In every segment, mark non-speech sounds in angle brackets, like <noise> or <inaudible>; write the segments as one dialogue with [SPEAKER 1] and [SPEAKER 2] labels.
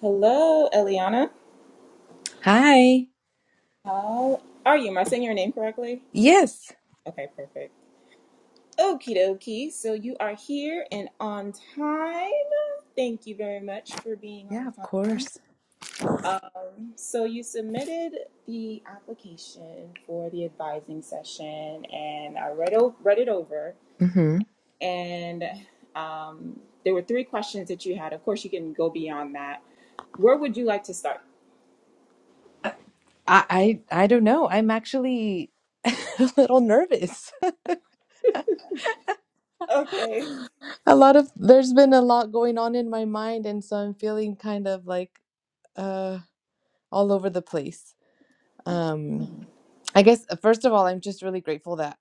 [SPEAKER 1] Hello, Eliana.
[SPEAKER 2] Hi.
[SPEAKER 1] How are you? Am I saying your name correctly?
[SPEAKER 2] Yes.
[SPEAKER 1] Okay, perfect. Okie dokie. So you are here and on time. Thank you very much for being
[SPEAKER 2] Yeah,
[SPEAKER 1] on
[SPEAKER 2] of
[SPEAKER 1] time.
[SPEAKER 2] course.
[SPEAKER 1] Um, so you submitted the application for the advising session, and I read o- read it over,
[SPEAKER 2] hmm
[SPEAKER 1] and um, there were three questions that you had. Of course, you can go beyond that. Where would you like to start?
[SPEAKER 2] I, I I don't know. I'm actually <laughs> a little nervous.
[SPEAKER 1] Okay.
[SPEAKER 2] <laughs> a lot of there's been a lot going on in my mind, and so I'm feeling kind of like uh all over the place. Um, I guess uh, first of all, I'm just really grateful that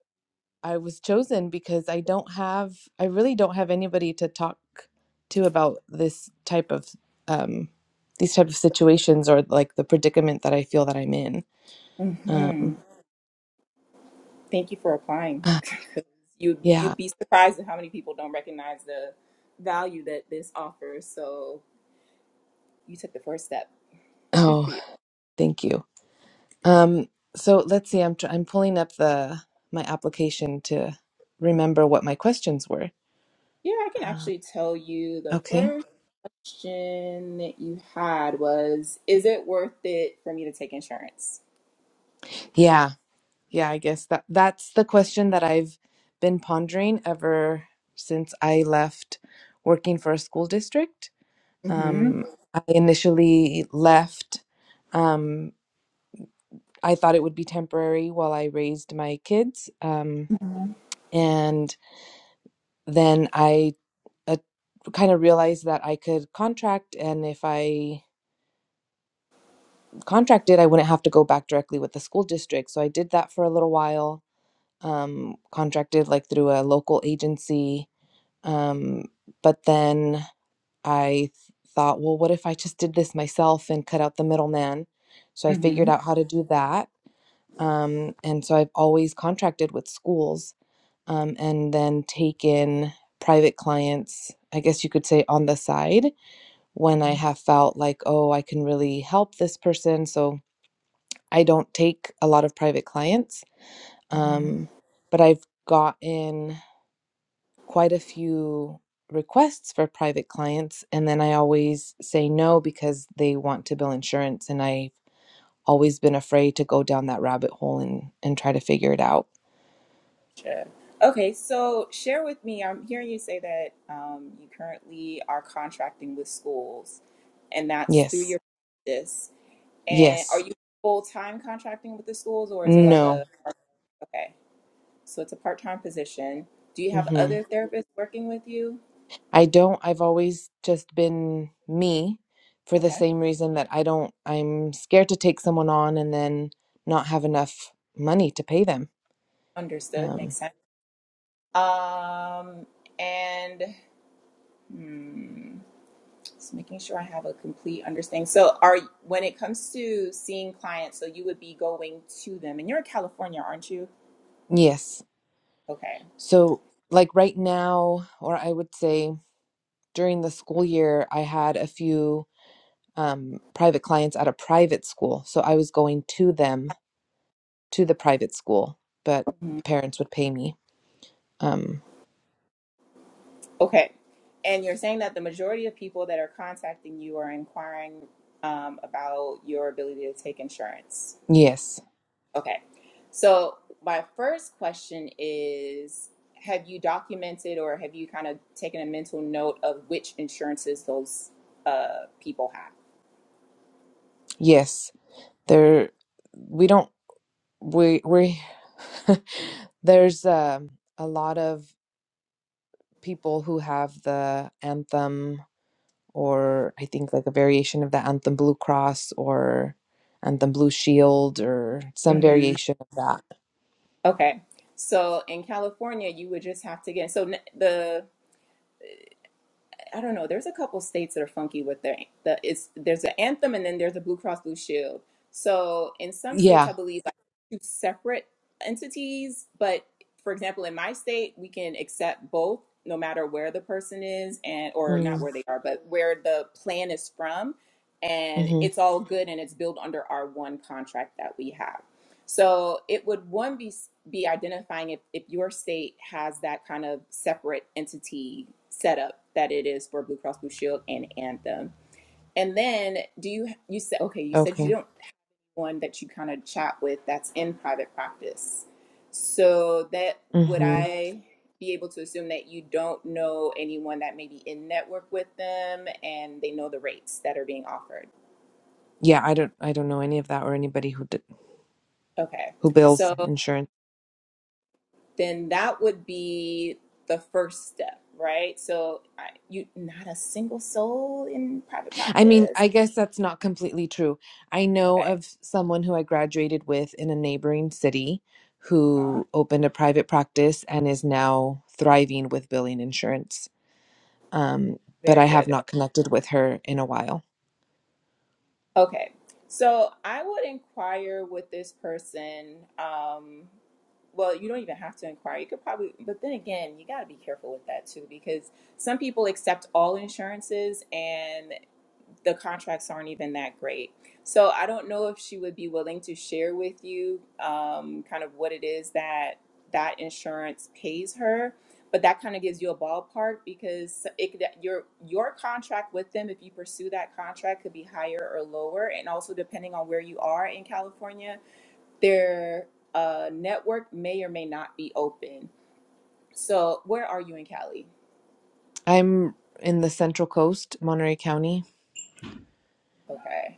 [SPEAKER 2] I was chosen because I don't have I really don't have anybody to talk to about this type of um these type of situations or like the predicament that I feel that I'm in.
[SPEAKER 1] Mm-hmm.
[SPEAKER 2] Um,
[SPEAKER 1] Thank you for applying. <laughs> you
[SPEAKER 2] Yeah.
[SPEAKER 1] you'd be surprised at how many people don't recognize the value that this offers. So you took the first step. Good for
[SPEAKER 2] Oh,
[SPEAKER 1] you.
[SPEAKER 2] thank you. Um, so let's see. I'm tr- I'm pulling up the my application to remember what my questions were.
[SPEAKER 1] Yeah, I can
[SPEAKER 2] Uh,
[SPEAKER 1] actually tell you the
[SPEAKER 2] okay.
[SPEAKER 1] first question that you had was, is it worth it for me to take insurance?
[SPEAKER 2] Yeah. Yeah. I guess that that's the question that I've been pondering ever since I left working for a school district.
[SPEAKER 1] Mm-hmm.
[SPEAKER 2] Um, I initially left. Um, I thought it would be temporary while I raised my kids. Um,
[SPEAKER 1] Mm-hmm.
[SPEAKER 2] and then I uh, kind of realized that I could contract, and if I contracted, I wouldn't have to go back directly with the school district. So I did that for a little while, um, contracted like through a local agency. Um, but then I thought, well, what if I just did this myself and cut out the middleman? So I figured
[SPEAKER 1] Mm-hmm.
[SPEAKER 2] out how to do that. Um, and so I've always contracted with schools um, and then taken private clients, I guess you could say on the side when I have felt like, oh, I can really help this person. So I don't take a lot of private clients,
[SPEAKER 1] hmm
[SPEAKER 2] um, but I've gotten quite a few requests for private clients. And then I always say no because they want to bill insurance. And I've always been afraid to go down that rabbit hole and, and try to figure it out.
[SPEAKER 1] Sure. Okay, so share with me. I'm hearing you say that um, you currently are contracting with schools, and that's through
[SPEAKER 2] Yes.
[SPEAKER 1] your practice. And are
[SPEAKER 2] Yes.
[SPEAKER 1] you full time contracting with the schools or is it like
[SPEAKER 2] No.
[SPEAKER 1] a, okay, so it's a part time position. Do you have
[SPEAKER 2] hmm
[SPEAKER 1] other therapists working with you?
[SPEAKER 2] I don't, I've always just been me for the
[SPEAKER 1] Okay,
[SPEAKER 2] same reason that I don't, I'm scared to take someone on and then not have enough money to pay them.
[SPEAKER 1] understood, makes
[SPEAKER 2] Um,
[SPEAKER 1] sense. Um, and hmm, just making sure I have a complete understanding. So, are when it comes to seeing clients, so you would be going to them, and you're in California, aren't you?
[SPEAKER 2] yes.
[SPEAKER 1] Okay.
[SPEAKER 2] So, like right now, or I would say during the school year, I had a few um, private clients at a private school. So I was going to them, to the private school, but
[SPEAKER 1] hmm.
[SPEAKER 2] parents would pay me. Um,
[SPEAKER 1] Okay. And you're saying that the majority of people that are contacting you are inquiring um, about your ability to take insurance.
[SPEAKER 2] yes.
[SPEAKER 1] Okay. So, my first question is Have you documented or have you kind of taken a mental note of which insurances those uh, people have?
[SPEAKER 2] Yes. There, we don't we we <laughs> there's um a lot of people who have the anthem or I think like a variation of the anthem Blue Cross or anthem Blue Shield or some
[SPEAKER 1] hmm
[SPEAKER 2] variation of that.
[SPEAKER 1] Okay. So, in California, you would just have to get so n- the I don't know. There's a couple states that are funky with their the it's there's an anthem and then there's a Blue Cross Blue Shield. So in some states,
[SPEAKER 2] Yeah.
[SPEAKER 1] I believe like two separate entities. But for example, in my state, we can accept both, no matter where the person is and or not
[SPEAKER 2] Mm,
[SPEAKER 1] where they are, but where the plan is from, and
[SPEAKER 2] mm-hmm.
[SPEAKER 1] it's all good and it's billed under our one contract that we have. So it would one be be identifying if, if your state has that kind of separate entity setup that it is for Blue Cross Blue Shield and Anthem. And then do you you said okay, you said
[SPEAKER 2] Okay.
[SPEAKER 1] you don't have one that you kind of chat with that's in private practice. So that would
[SPEAKER 2] Mm-hmm.
[SPEAKER 1] I be able to assume that you don't know anyone that may be in network with them and they know the rates that are being offered.
[SPEAKER 2] Yeah, I don't I don't know any of that or anybody who d
[SPEAKER 1] Okay.
[SPEAKER 2] who bills
[SPEAKER 1] so.
[SPEAKER 2] insurance.
[SPEAKER 1] then that would be the first step, right? So I, you not a single soul in private
[SPEAKER 2] I mean,
[SPEAKER 1] practice.
[SPEAKER 2] I guess that's not completely true. I know
[SPEAKER 1] Okay.
[SPEAKER 2] of someone who I graduated with in a neighboring city
[SPEAKER 1] Uh-huh.
[SPEAKER 2] who opened a private practice and is now thriving with billing insurance. Um, but I
[SPEAKER 1] Very
[SPEAKER 2] have
[SPEAKER 1] good.
[SPEAKER 2] not connected with her in a while.
[SPEAKER 1] Okay. So I would inquire with this person. Um, well, you don't even have to inquire. You could probably, but then again, you got to be careful with that too, because some people accept all insurances, and the contracts aren't even that great. So I don't know if she would be willing to share with you um, kind of what it is that that insurance pays her, but that kind of gives you a ballpark because it your your contract with them, if you pursue that contract, could be higher or lower, and also depending on where you are in California, their uh, network may or may not be open. So where are you in Cali?
[SPEAKER 2] I'm in the Central Coast, Monterey County.
[SPEAKER 1] Okay.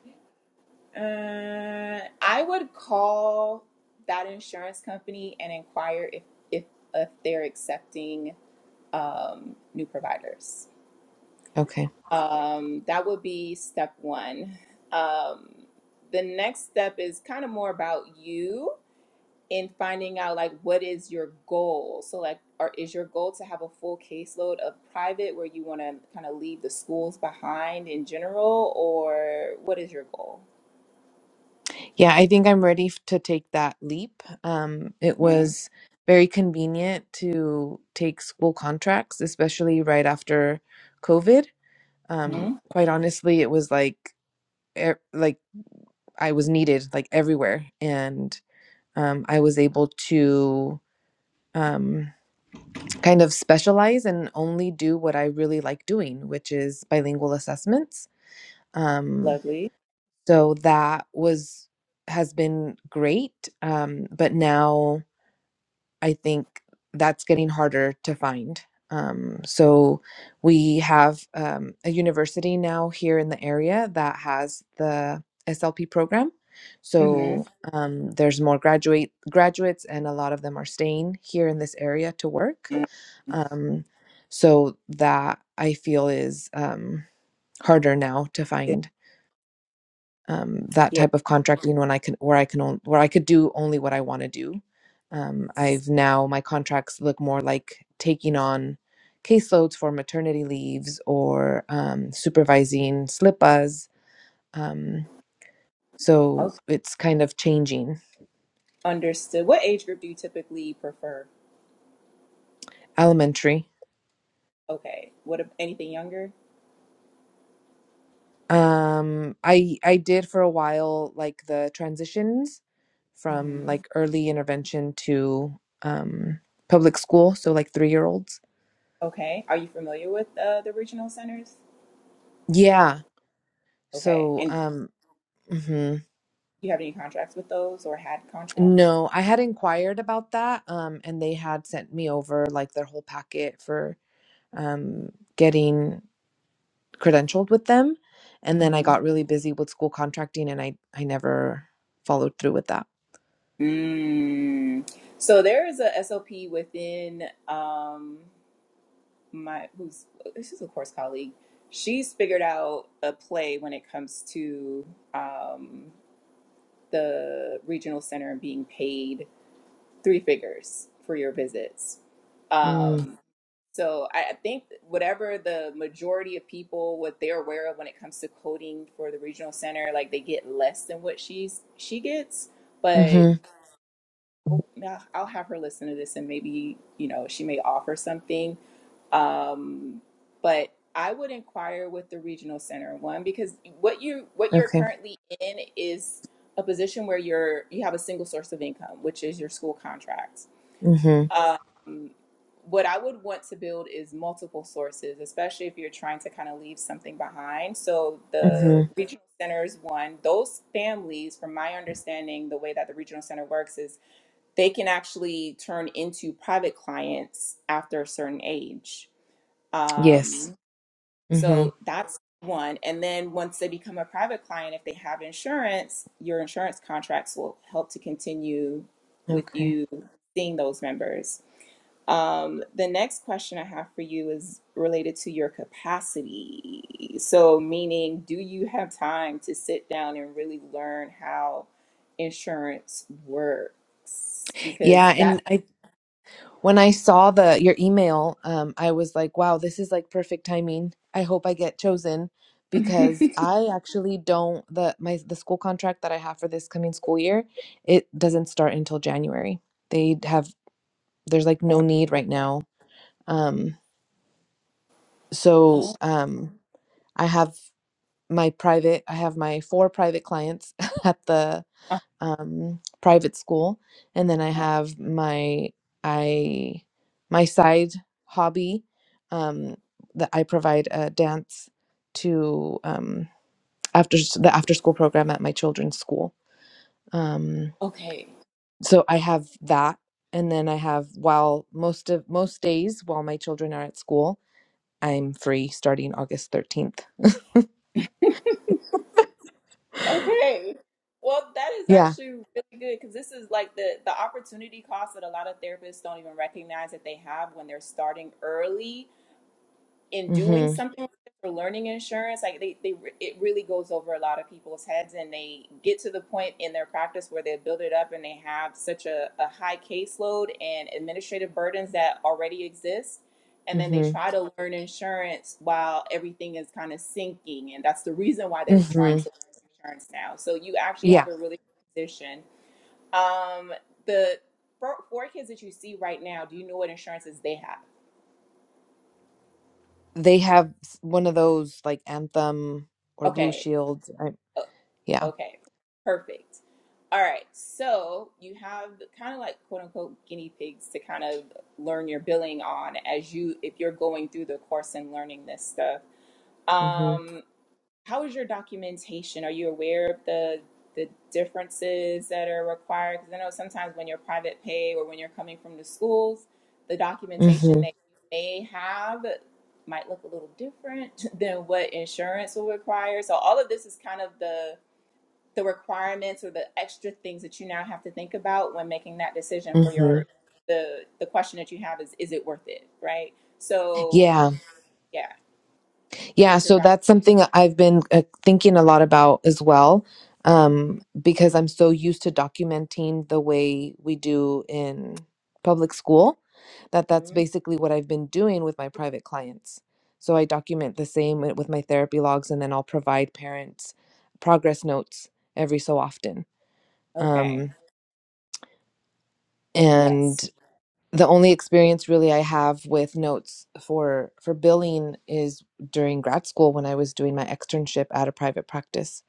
[SPEAKER 1] Uh, I would call that insurance company and inquire if if if they're accepting um, new providers.
[SPEAKER 2] Okay.
[SPEAKER 1] Um, that would be step one. Um, the next step is kind of more about you in finding out like what is your goal. So like, or is your goal to have a full caseload of private where you want to kind of leave the schools behind in general, or what is your goal?
[SPEAKER 2] Yeah, I think I'm ready f- to take that leap. Um, it
[SPEAKER 1] hmm
[SPEAKER 2] was very convenient to take school contracts, especially right after COVID. Um,
[SPEAKER 1] hmm
[SPEAKER 2] quite honestly, it was like e- like I was needed like everywhere, and um, I was able to um, kind of specialize and only do what I really like doing, which is bilingual assessments. Um,
[SPEAKER 1] Lovely.
[SPEAKER 2] so that was has been great, um, but now I think that's getting harder to find. Um, so we have um, a university now here in the area that has the SLP program. So
[SPEAKER 1] Mm-hmm.
[SPEAKER 2] um, there's more graduate graduates, and a lot of them are staying here in this area to work. Um, so that I feel is um, harder now to
[SPEAKER 1] Yeah.
[SPEAKER 2] find um, that
[SPEAKER 1] yeah.
[SPEAKER 2] type of contracting when I can where I can on, where I could do only what I want to do. Um, I've now my contracts look more like taking on caseloads for maternity leaves or um, supervising slippas. Um, so
[SPEAKER 1] Okay.
[SPEAKER 2] it's kind of changing
[SPEAKER 1] Understood. What age group do you typically prefer?
[SPEAKER 2] elementary.
[SPEAKER 1] Okay. What ab- anything younger?
[SPEAKER 2] Um, I I did for a while like the transitions from
[SPEAKER 1] hmm
[SPEAKER 2] like early intervention to um, public school, so like three year olds.
[SPEAKER 1] Okay. Are you familiar with uh, the regional centers?
[SPEAKER 2] Yeah,
[SPEAKER 1] Okay.
[SPEAKER 2] So,
[SPEAKER 1] And
[SPEAKER 2] um, mhm.
[SPEAKER 1] do you have any contracts with those or had contracts?
[SPEAKER 2] no, I had inquired about that, um, and they had sent me over like their whole packet for um, getting credentialed with them. And then I
[SPEAKER 1] Mm-hmm.
[SPEAKER 2] got really busy with school contracting and I, I never followed through with that.
[SPEAKER 1] Mm. So there is a SOP within um my who's this is a course colleague. She's figured out a play when it comes to um the regional center and being paid three figures for your visits.
[SPEAKER 2] Mm,
[SPEAKER 1] Um, so I I think that whatever the majority of people what they're aware of when it comes to coding for the regional center, like they get less than what she's she gets. But
[SPEAKER 2] mm-hmm.
[SPEAKER 1] oh, nah, I'll have her listen to this and maybe you know she may offer something. Um, but I would inquire with the regional center one because what you what you're
[SPEAKER 2] Okay.
[SPEAKER 1] currently in is a position where you're you have a single source of income, which is your school contracts
[SPEAKER 2] Mm-hmm.
[SPEAKER 1] um, what I would want to build is multiple sources, especially if you're trying to kind of leave something behind. So
[SPEAKER 2] Mm-hmm.
[SPEAKER 1] the regional centers, one, those families, from my understanding, the way that the regional center works is they can actually turn into private clients after a certain age.
[SPEAKER 2] Yes.
[SPEAKER 1] Um, so
[SPEAKER 2] Mm-hmm.
[SPEAKER 1] that's one. And then once they become a private client, if they have insurance, your insurance contracts will help to continue with
[SPEAKER 2] Okay.
[SPEAKER 1] you seeing those members. Um, the next question I have for you is related to your capacity. So, meaning, do you have time to sit down and really learn how insurance works?
[SPEAKER 2] Yeah.
[SPEAKER 1] Because that.
[SPEAKER 2] And I When I saw the your email, um, I was like, wow, this is like perfect timing. I hope I get chosen
[SPEAKER 1] <laughs>
[SPEAKER 2] because I actually don't the my the school contract that I have for this coming school year, it doesn't start until January. They have there's like
[SPEAKER 1] oh,
[SPEAKER 2] no need right now. Um, so
[SPEAKER 1] oh,
[SPEAKER 2] um, I have my private, I have my four private clients <laughs> at the um, private school, and then I
[SPEAKER 1] uh-huh.
[SPEAKER 2] have my I my side hobby um, that I provide a dance to um, after s- the after school program at my children's school. Um,
[SPEAKER 1] okay.
[SPEAKER 2] so I have that, and then I have while most of most days while my children are at school, I'm free starting August thirteenth.
[SPEAKER 1] Okay. Well, that is
[SPEAKER 2] Yeah.
[SPEAKER 1] actually really good because this is like the the opportunity cost that a lot of therapists don't even recognize that they have when they're starting early in doing
[SPEAKER 2] Mm-hmm.
[SPEAKER 1] something like this or learning insurance, like they, they re- it really goes over a lot of people's heads and they get to the point in their practice where they build it up and they have such a, a high caseload and administrative burdens that already exist. And then they
[SPEAKER 2] Mm-hmm.
[SPEAKER 1] try to learn insurance while everything is kind of sinking. And that's the reason why they're trying
[SPEAKER 2] Mm-hmm.
[SPEAKER 1] to learn insurance now. So you actually
[SPEAKER 2] Yeah.
[SPEAKER 1] have a really good position. Um, the four, four kids that you see right now, do you know what insurances they have?
[SPEAKER 2] They have s- one of those like Anthem or Blue
[SPEAKER 1] Okay.
[SPEAKER 2] Shield. I,
[SPEAKER 1] so
[SPEAKER 2] yeah.
[SPEAKER 1] Okay, perfect. All right, so you have kind of like quote unquote guinea pigs to kind of learn your billing on as you if you're going through the course and learning this stuff.
[SPEAKER 2] hmm
[SPEAKER 1] Um, how is your documentation? Are you aware of the the differences that are required? Because I know sometimes when you're private pay or when you're coming from the schools, the documentation
[SPEAKER 2] hmm
[SPEAKER 1] that you may have might look a little different <laughs> than what insurance will require. So all of this is kind of the the requirements or the extra things that you now have to think about when making that decision for
[SPEAKER 2] hmm
[SPEAKER 1] your the the question that you have is is it worth it right so
[SPEAKER 2] Yeah.
[SPEAKER 1] yeah
[SPEAKER 2] Yeah.
[SPEAKER 1] is your
[SPEAKER 2] So
[SPEAKER 1] doctor
[SPEAKER 2] that's something I've been uh, thinking a lot about as well, um, because I'm so used to documenting the way we do in public school that
[SPEAKER 1] hmm
[SPEAKER 2] that's basically what I've been doing with my private clients. So I document the same wi- with my therapy logs, and then I'll provide parents progress notes every so often.
[SPEAKER 1] okay
[SPEAKER 2] Um, and
[SPEAKER 1] yes
[SPEAKER 2] the only experience really I have with notes for for billing is during grad school when I was doing my externship at a private practice.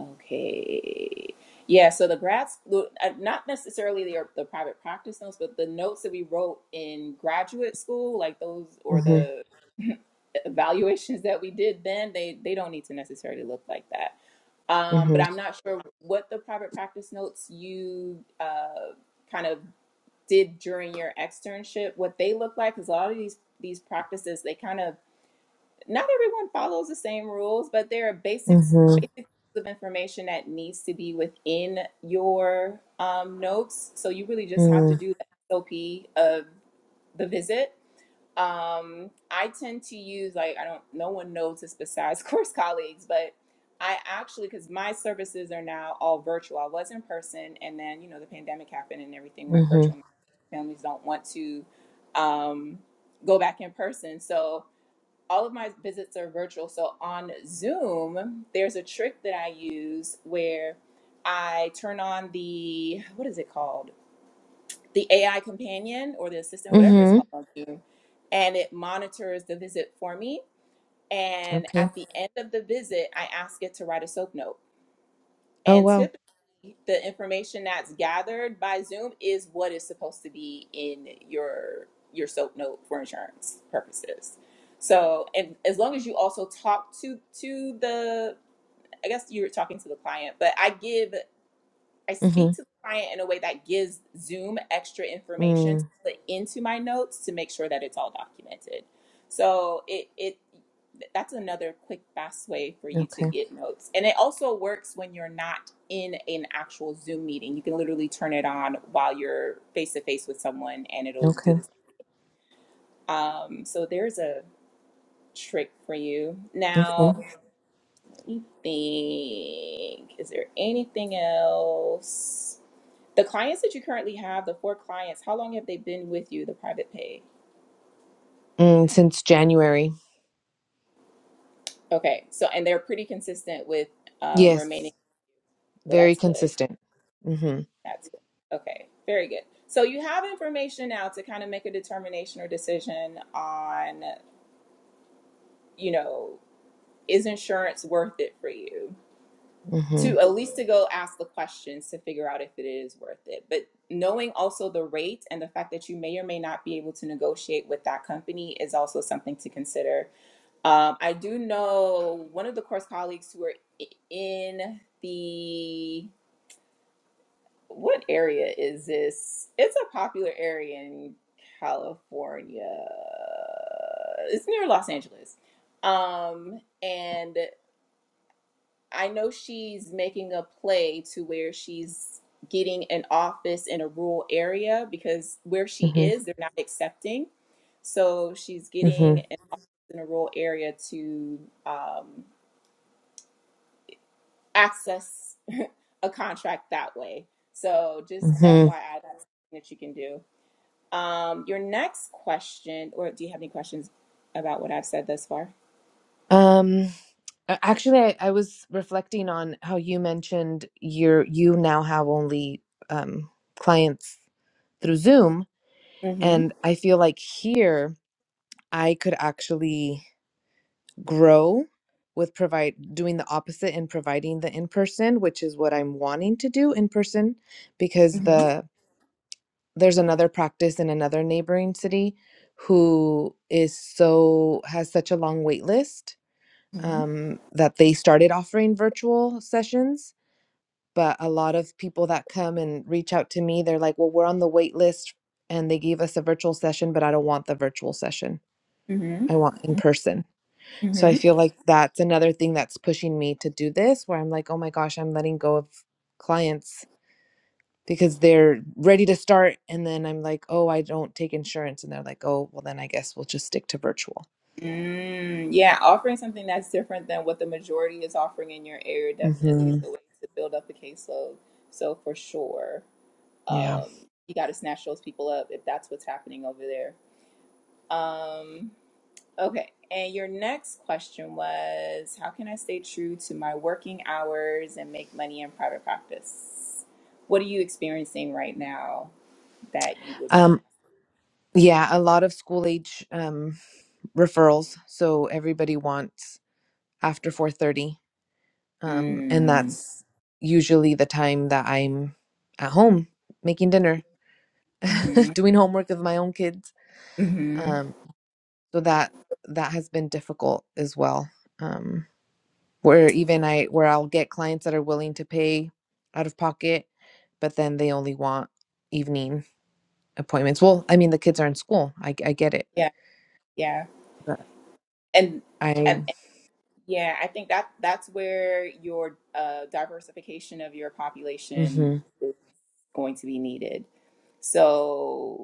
[SPEAKER 1] okay yeah so the grad school uh, not necessarily the, the private practice notes but the notes that we wrote in graduate school like those or
[SPEAKER 2] Mhm.
[SPEAKER 1] the evaluations that we did then they they don't need to necessarily look like that Um, but
[SPEAKER 2] Mhm.
[SPEAKER 1] I'm not sure what the private practice notes you uh, kind of did during your externship, what they look like, because a lot of these these practices, they kind of not everyone follows the same rules, but there are basics
[SPEAKER 2] Mhm.
[SPEAKER 1] basics of information that needs to be within your um, notes. So you really just have to
[SPEAKER 2] Mhm.
[SPEAKER 1] do the SOP of the visit um, I tend to use like I don't. No one knows this besides <laughs> course colleagues, but I actually because my services are now all virtual. I was in person, and then you know the pandemic happened and everything went
[SPEAKER 2] Mhm.
[SPEAKER 1] virtual. Families don't want to um, go back in person, so all of my visits are virtual. So on Zoom, there's a trick that I use where I turn on the what is it called? the AI companion or the assistant, whatever it's
[SPEAKER 2] Mhm.
[SPEAKER 1] called on Zoom, and it monitors the visit for me. And
[SPEAKER 2] Okay.
[SPEAKER 1] at the end of the visit, I ask it to write a soap note.
[SPEAKER 2] Oh
[SPEAKER 1] And
[SPEAKER 2] wow.
[SPEAKER 1] typically, the information that's gathered by Zoom is what is supposed to be in your your soap note for insurance purposes. So, and as long as you also talk to to the, I guess you're talking to the client, but I give I speak
[SPEAKER 2] Mhm.
[SPEAKER 1] to the client in a way that gives Zoom extra information to
[SPEAKER 2] Mm.
[SPEAKER 1] put into my notes to make sure that it's all documented. So it it that's another quick fast way for you to
[SPEAKER 2] Okay.
[SPEAKER 1] get notes. And it also works when you're not in an actual Zoom meeting. You can literally turn it on while you're face to face with someone and it'll do
[SPEAKER 2] Okay.
[SPEAKER 1] this. Um so there's a trick for you.
[SPEAKER 2] Okay.
[SPEAKER 1] Now, let me think. Is there anything else? The clients that you currently have, the four clients, how long have they been with you, the private pay?
[SPEAKER 2] Mm, since January.
[SPEAKER 1] Okay, so and they're pretty consistent with um,
[SPEAKER 2] Yes.
[SPEAKER 1] remaining. Well,
[SPEAKER 2] Very
[SPEAKER 1] that's good.
[SPEAKER 2] consistent. Mhm.
[SPEAKER 1] That's good. Okay, very good. So you have information now to kind of make a determination or decision on, you know, is insurance worth it for you? To
[SPEAKER 2] Mhm.
[SPEAKER 1] at least to go ask the questions to figure out if it is worth it. But knowing also the rate and the fact that you may or may not be able to negotiate with that company is also something to consider Um, I do know one of the course colleagues who are i- in the what area is this? It's a popular area in California. It's near Los Angeles. Um, and I know she's making a play to where she's getting an office in a rural area because where she
[SPEAKER 2] Mhm.
[SPEAKER 1] is, they're not accepting. So she's getting
[SPEAKER 2] Mhm.
[SPEAKER 1] an office in a rural area to um, access a contract that way. So just
[SPEAKER 2] Mhm.
[SPEAKER 1] FYI, that's something that you can do. Um, your next question, or do you have any questions about what I've said thus far?
[SPEAKER 2] Um, a- actually, I, I was reflecting on how you mentioned you're you now have only um, clients through Zoom,
[SPEAKER 1] Mm-hmm.
[SPEAKER 2] and I feel like here I could actually grow with provide doing the opposite and providing the in person, which is what I'm wanting to do in person, because
[SPEAKER 1] Mm-hmm.
[SPEAKER 2] the there's another practice in another neighboring city who is so has such a long wait list
[SPEAKER 1] Mm-hmm.
[SPEAKER 2] um, that they started offering virtual sessions. But a lot of people that come and reach out to me, they're like, well, we're on the wait list and they gave us a virtual session, but I don't want the virtual session.
[SPEAKER 1] Mm-hmm.
[SPEAKER 2] I want in person. So I
[SPEAKER 1] Mm-hmm.
[SPEAKER 2] feel like that's another thing that's pushing me to do this where I'm like, oh my gosh, I'm letting go of clients because they're ready to start. And then I'm like, oh, I don't take insurance. And they're like, oh, well, then I guess we'll just stick to virtual.
[SPEAKER 1] Mm, yeah, offering something that's different than what the majority is offering in your area definitely is
[SPEAKER 2] hmm
[SPEAKER 1] the way to build up the caseload. So for sure,
[SPEAKER 2] Yeah.
[SPEAKER 1] um, you got to snatch those people up if that's what's happening over there. Um, Okay. And your next question was How can I stay true to my working hours and make money in private practice? What are you experiencing right now that you would?
[SPEAKER 2] Um, yeah. A lot of school age. Um, referrals so everybody wants after 4.30 um, and
[SPEAKER 1] Mm,
[SPEAKER 2] that's usually the time that i'm at home making dinner
[SPEAKER 1] hmm
[SPEAKER 2] <laughs> doing homework with my own kids
[SPEAKER 1] hmm
[SPEAKER 2] um, so that that has been difficult as well um, where even i where i'll get clients that are willing to pay out of pocket but then they only want evening appointments well i mean the kids are in school i, I get it
[SPEAKER 1] Yeah. Yeah.
[SPEAKER 2] but
[SPEAKER 1] And, and,
[SPEAKER 2] i'm
[SPEAKER 1] and yeah, I think that that's where your uh, diversification of your population
[SPEAKER 2] mm-hmm,
[SPEAKER 1] is going to be needed. So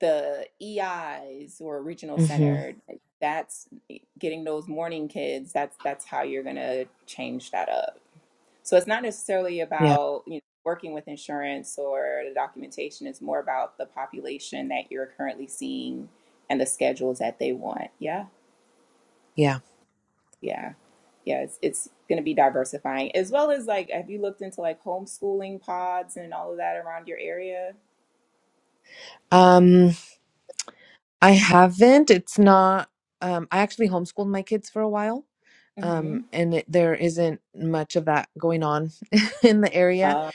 [SPEAKER 1] the EIs or regional
[SPEAKER 2] mm-hmm,
[SPEAKER 1] center, eh, that's eh, getting those morning kids. That's that's how you're gonna change that up. So it's not necessarily
[SPEAKER 2] yeah
[SPEAKER 1] about you know working with insurance or the documentation. It's more about the population that you're currently seeing and the schedules that they want. Yeah,
[SPEAKER 2] yeah
[SPEAKER 1] yeah, yeah. It's it's gonna be diversifying as well as like have you looked into like homeschooling pods and all of that around your area?
[SPEAKER 2] um I haven't. It's not. Um, I actually homeschooled my kids for a while,
[SPEAKER 1] Mm-hmm.
[SPEAKER 2] um, and it, there isn't much of that going on <laughs> in the area.
[SPEAKER 1] Uh,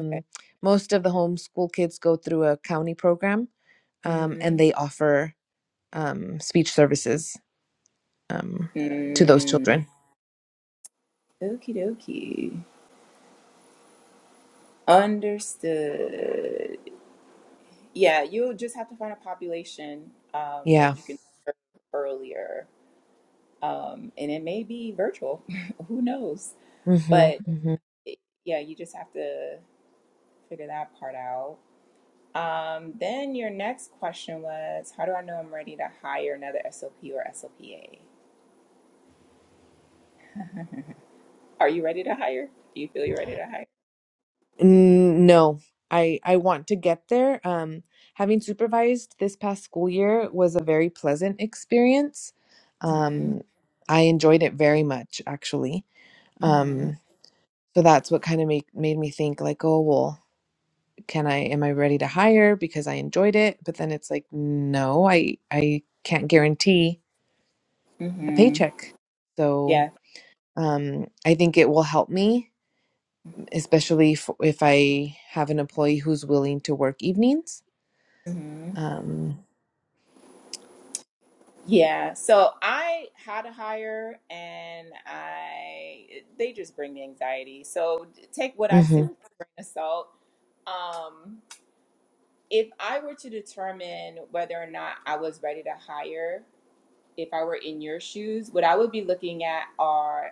[SPEAKER 1] okay.
[SPEAKER 2] most of the homeschool kids go through a county program, um, and
[SPEAKER 1] Mm-hmm.
[SPEAKER 2] they offer um, speech services um, to those
[SPEAKER 1] Mm.
[SPEAKER 2] children.
[SPEAKER 1] Okie dokie. Understood. Yeah, you'll just have to find a population um, that
[SPEAKER 2] Yeah.
[SPEAKER 1] you can serve earlier. Um, and it may be virtual. <laughs> Who knows? But
[SPEAKER 2] hmm
[SPEAKER 1] it- yeah, you just have to figure that part out. Um, then your next question was How do I know I'm ready to hire another SLP or SLPA? Are you ready to hire? Do you feel you're ready to hire?
[SPEAKER 2] N- No, I I want to get there. Um, having supervised this past school year was a very pleasant experience.
[SPEAKER 1] Mm-hmm.
[SPEAKER 2] Um, I enjoyed it very much, actually.
[SPEAKER 1] Mm-hmm.
[SPEAKER 2] Um, so that's what kind of made made me think like, oh, well, can I, am I ready to hire because I enjoyed it? But then it's like, no, I I can't guarantee a
[SPEAKER 1] Mm-hmm.
[SPEAKER 2] paycheck. So,
[SPEAKER 1] Yeah.
[SPEAKER 2] um, I think it will help me, especially if, if I have an employee who's willing to work evenings
[SPEAKER 1] Mm-hmm.
[SPEAKER 2] Um.
[SPEAKER 1] Yeah, so I had a hire and I they just bring me anxiety. So take what I say
[SPEAKER 2] Mhm.
[SPEAKER 1] with a grain of salt. Um, if I were to determine whether or not I was ready to hire, if I were in your shoes, what I would be looking at are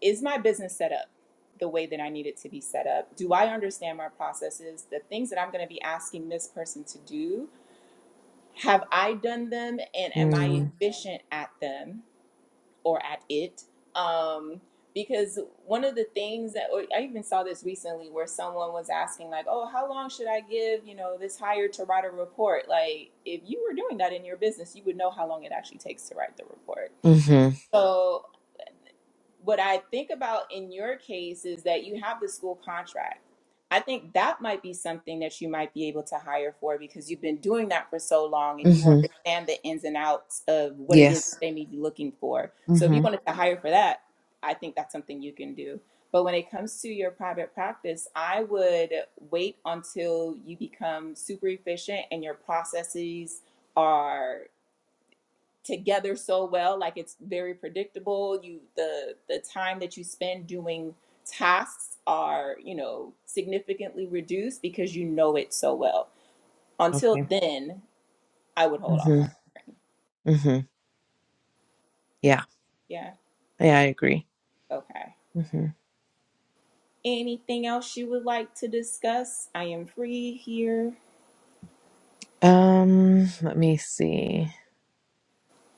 [SPEAKER 1] is my business set up the way that I need it to be set up? Do I understand my processes, the things that I'm going to be asking this person to do? Have I done them and am I
[SPEAKER 2] Mm,
[SPEAKER 1] efficient at them? or at it. Um, because one of the things that or I even saw this recently where someone was asking, like, oh, how long should I give, you know, this hire to write a report? Like, if you were doing that in your business, you would know how long it actually takes to write the report.
[SPEAKER 2] Mhm.
[SPEAKER 1] So what I think about in your case is that you have the school contract. I think that might be something that you might be able to hire for because you've been doing that for so long and you
[SPEAKER 2] Mhm.
[SPEAKER 1] understand the ins and outs of what it is
[SPEAKER 2] Yes.
[SPEAKER 1] they may be looking for. So if you
[SPEAKER 2] Mhm.
[SPEAKER 1] wanted to hire for that, I think that's something you can do. But when it comes to your private practice, I would wait until you become super efficient and your processes are together so well like it's very predictable you the the time that you spend doing tasks are you know significantly reduced because you know it so well until
[SPEAKER 2] Okay.
[SPEAKER 1] then i would hold off on
[SPEAKER 2] Mhm.
[SPEAKER 1] it.
[SPEAKER 2] Mhm. Yeah.
[SPEAKER 1] yeah
[SPEAKER 2] Yeah, I agree.
[SPEAKER 1] okay
[SPEAKER 2] Mhm.
[SPEAKER 1] anything else you would like to discuss i am free here
[SPEAKER 2] Um. Let me see.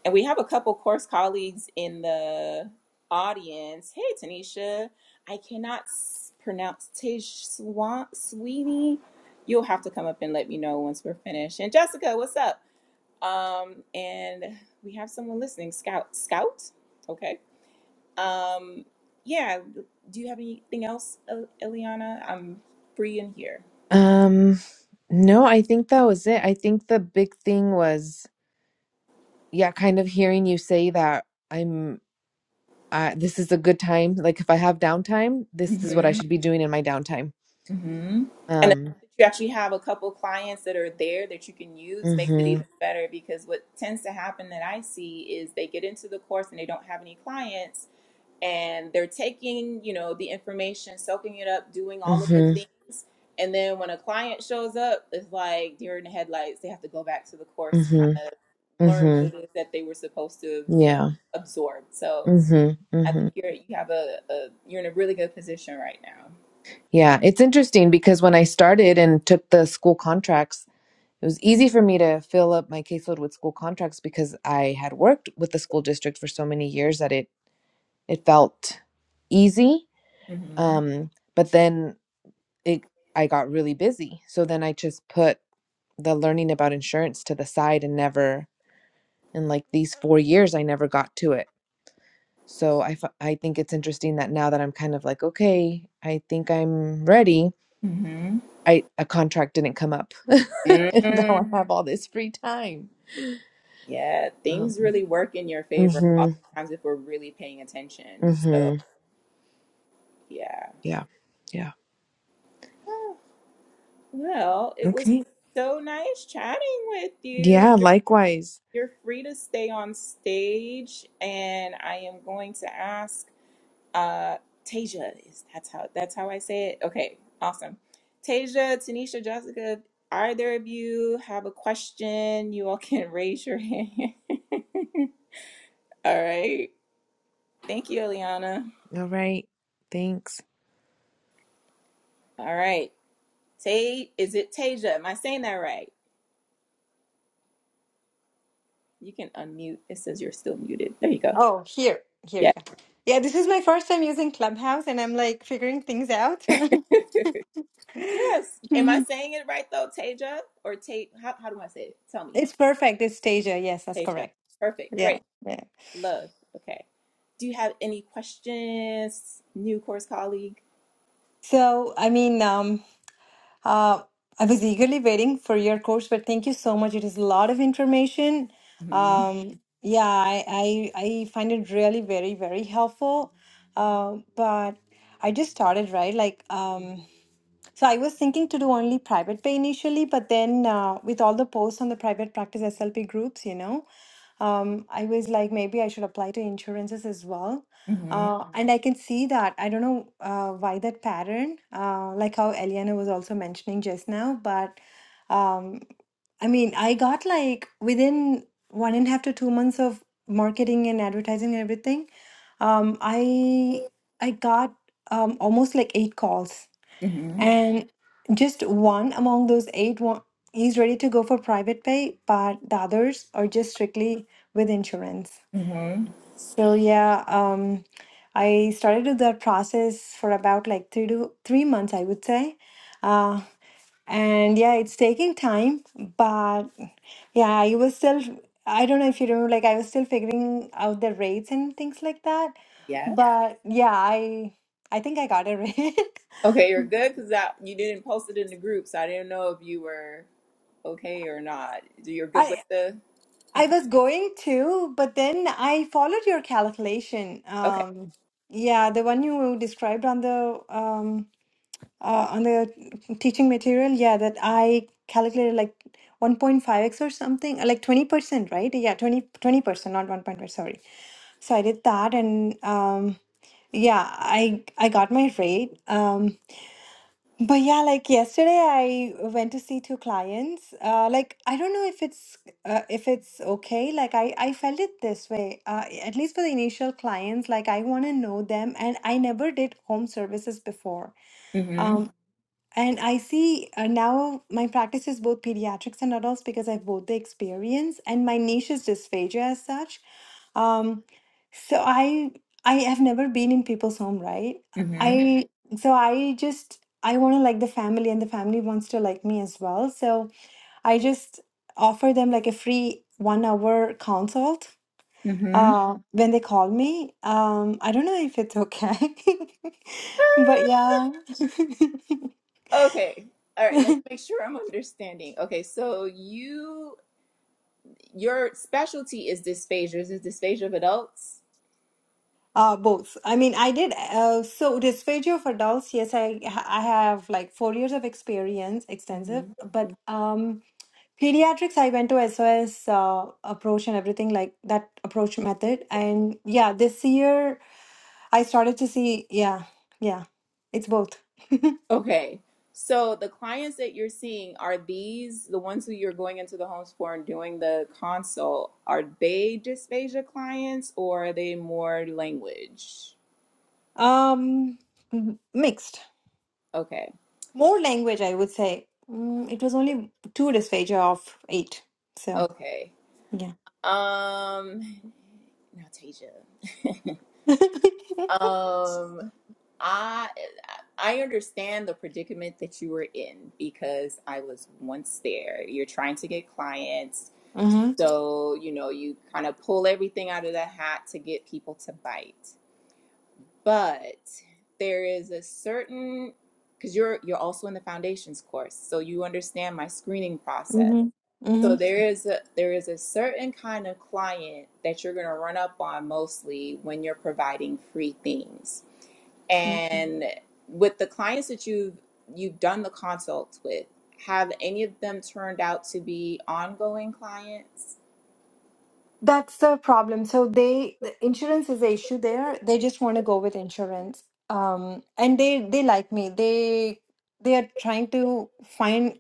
[SPEAKER 1] And we have a couple course colleagues in the audience. Hey, Tanisha, I cannot s- pronounce Tish Swan, Sweeney. You'll have to come up and let me know once we're finished. And Jessica, what's up? Um, and we have someone listening, Scout. Scout, okay. Um, yeah. Do you have anything else, El- Eliana? I'm free in here.
[SPEAKER 2] Um. No, I think that was it. I think the big thing was, yeah, kind of hearing you say that I'm. Uh, this is a good time. Like, if I have downtime, this is what I should be doing in my downtime.
[SPEAKER 1] hmm And the
[SPEAKER 2] Um.
[SPEAKER 1] fact that you actually have a couple clients that are there that you can use makes it even
[SPEAKER 2] Mhm.
[SPEAKER 1] better because what tends to happen that I see is they get into the course and they don't have any clients and they're taking, you know, the information, soaking it up, doing all of the
[SPEAKER 2] Mhm.
[SPEAKER 1] things. And then when a client shows up, it's like deer in the headlights. They have to go back to the course to kind
[SPEAKER 2] Mhm.
[SPEAKER 1] of learn what
[SPEAKER 2] Mhm.
[SPEAKER 1] it is that they were supposed to, you know,
[SPEAKER 2] Yeah.
[SPEAKER 1] absorb. So I
[SPEAKER 2] Mm-hmm.
[SPEAKER 1] think you're you have a, a you're in a really good position right now.
[SPEAKER 2] Yeah, it's interesting because when I started and took the school contracts, it was easy for me to fill up my caseload with school contracts because I had worked with the school district for so many years that it it felt easy.
[SPEAKER 1] hmm
[SPEAKER 2] Um, but then it I got really busy, so then I just put the learning about insurance to the side and never in like these four years I never got to it. So I f- I think it's interesting that now that I'm kind of like okay, I think I'm ready
[SPEAKER 1] hmm
[SPEAKER 2] I a contract didn't come up, <laughs> and now
[SPEAKER 1] Mm,
[SPEAKER 2] I have all this free time.
[SPEAKER 1] yeah, things
[SPEAKER 2] Um,
[SPEAKER 1] really work in your favor
[SPEAKER 2] mhm,
[SPEAKER 1] oftentimes if we're really paying attention. So,
[SPEAKER 2] mhm.
[SPEAKER 1] yeah.
[SPEAKER 2] Yeah, yeah.
[SPEAKER 1] Well, it was
[SPEAKER 2] Okay.
[SPEAKER 1] so nice chatting with you.
[SPEAKER 2] Yeah.
[SPEAKER 1] You're
[SPEAKER 2] Likewise.
[SPEAKER 1] you're free to stay on stage, and I am going to ask uh Tasia, is that's how that's how I say it? Okay, awesome. Tasia, Tanisha, Jessica, either of you have a question, you all can <laughs> raise your hand. <laughs> All right. Thank you, Eliana.
[SPEAKER 2] All right. Thanks.
[SPEAKER 1] All right. Tay, is it Tasia? Am I saying that right? You can unmute. It says you're still muted. There you go.
[SPEAKER 3] Oh, here, here,
[SPEAKER 1] Yeah.
[SPEAKER 3] yeah. Yeah, this is my first time using Clubhouse and I'm like figuring things out. <laughs>
[SPEAKER 1] <laughs> Yes. Am I
[SPEAKER 3] Mhm.
[SPEAKER 1] saying it right though, Tasia? Or Tate? How, how do I say it? Tell me,
[SPEAKER 3] It's perfect. It's Stasia. Yes, that's
[SPEAKER 1] Tasia.
[SPEAKER 3] correct.
[SPEAKER 1] Perfect.
[SPEAKER 3] Yeah,
[SPEAKER 1] Great.
[SPEAKER 3] yeah.
[SPEAKER 1] Love. Okay. Do you have any questions, new course colleague?
[SPEAKER 3] So, I mean, um, uh, I was eagerly waiting for your course, but thank you so much. It is a lot of information.
[SPEAKER 1] Mm-hmm.
[SPEAKER 3] Um, yeah, I, I, I find it really very, very helpful. Um, but I just started, right? Like, um, So I was thinking to do only private pay initially, but then uh, with all the posts on the private practice SLP groups, you know, um, I was like, maybe I should apply to insurances as well.
[SPEAKER 1] Mm-hmm.
[SPEAKER 3] Uh, Mhm. and I can see that. I don't know uh, why that pattern, uh, like how Eliana was also mentioning just now, but um, I mean, I got like within one and a half to two months of marketing and advertising and everything, um, I I got um, almost like eight calls
[SPEAKER 1] Mm-hmm.
[SPEAKER 3] and just one among those eight wa- is ready to go for private pay, but the others are just strictly with insurance.
[SPEAKER 1] Mm-hmm.
[SPEAKER 3] So yeah, um, I started with that process for about like three to three months, I would say. Uh, and yeah, it's taking time, but yeah, I was still, I don't know if you remember, like I was still figuring out the rates and things like that. Yeah.
[SPEAKER 1] Yes.
[SPEAKER 3] But yeah, I I think I got it right.
[SPEAKER 1] Okay, you're good because you didn't post it in the group, so I didn't know if you were okay or not. You're
[SPEAKER 3] <laughs>
[SPEAKER 1] good
[SPEAKER 3] I.
[SPEAKER 1] with the
[SPEAKER 3] I
[SPEAKER 1] information?
[SPEAKER 3] was going to, but then I followed your calculation.
[SPEAKER 1] Okay.
[SPEAKER 3] Um, yeah, the one you described on the um, uh, on the teaching material. Yeah, that I calculated like 1.5x or something, uh, like 20%, right? Yeah, 20, percent not 1.5, sorry. So I did that and um, yeah, I I got my rate. Um, but yeah, like yesterday, I went to see two clients. Uh, like I don't know if it's uh, if it's okay. Like I I felt it this way. Uh, at least for the initial clients, like I want to know them, and I never did home services before.
[SPEAKER 1] Mm-hmm.
[SPEAKER 3] Um, and I see uh, now my practice is both pediatrics and adults because I have both the experience and my niche is dysphagia as such. Um, so I I have never been in people's home, right?
[SPEAKER 1] Mm-hmm.
[SPEAKER 3] I so I just I want to like the family and the family wants to like me as well. So I just offer them like a free one hour consult
[SPEAKER 1] Mm-hmm.
[SPEAKER 3] uh, when they call me. Um, I don't know if it's okay, <laughs> but yeah. <laughs>
[SPEAKER 1] Okay. All right, let's make sure I'm understanding. Okay, so you your specialty is dysphagia. Is it dysphagia of adults?
[SPEAKER 3] Uh, both. I mean, I did. Uh, so dysphagia of adults. Yes, I I have like four years of experience, extensive.
[SPEAKER 1] Mm-hmm.
[SPEAKER 3] But um, pediatrics, I went to SOS uh, approach and everything like that approach method. And yeah, this year I started to see. Yeah, yeah, it's both.
[SPEAKER 1] Okay. So the clients that you're seeing, are these the ones who you're going into the homes for and doing the consult? Are they dysphagia clients or are they more language?
[SPEAKER 3] Um, m- mixed.
[SPEAKER 1] Okay.
[SPEAKER 3] More language, I would say. Mm, it was only two dysphagia of eight. So
[SPEAKER 1] Okay.
[SPEAKER 3] yeah.
[SPEAKER 1] Um now Tasia.
[SPEAKER 3] <laughs>
[SPEAKER 1] Um I I understand the predicament that you were in because I was once there. You're trying to get clients.
[SPEAKER 3] Mm-hmm.
[SPEAKER 1] So, you know, you kind of pull everything out of the hat to get people to bite. But there is a certain cuz you're you're also in the foundations course, so you understand my screening process.
[SPEAKER 3] Mm-hmm.
[SPEAKER 1] So there is a there is a certain kind of client that you're going to run up on mostly when you're providing free things
[SPEAKER 3] Mm-hmm.
[SPEAKER 1] and with the clients that you've you've done the consults with, have any of them turned out to be ongoing clients?
[SPEAKER 3] That's the problem. So they, the insurance is the issue there. They just want to go with insurance. Um, and they they like me. They they are trying to find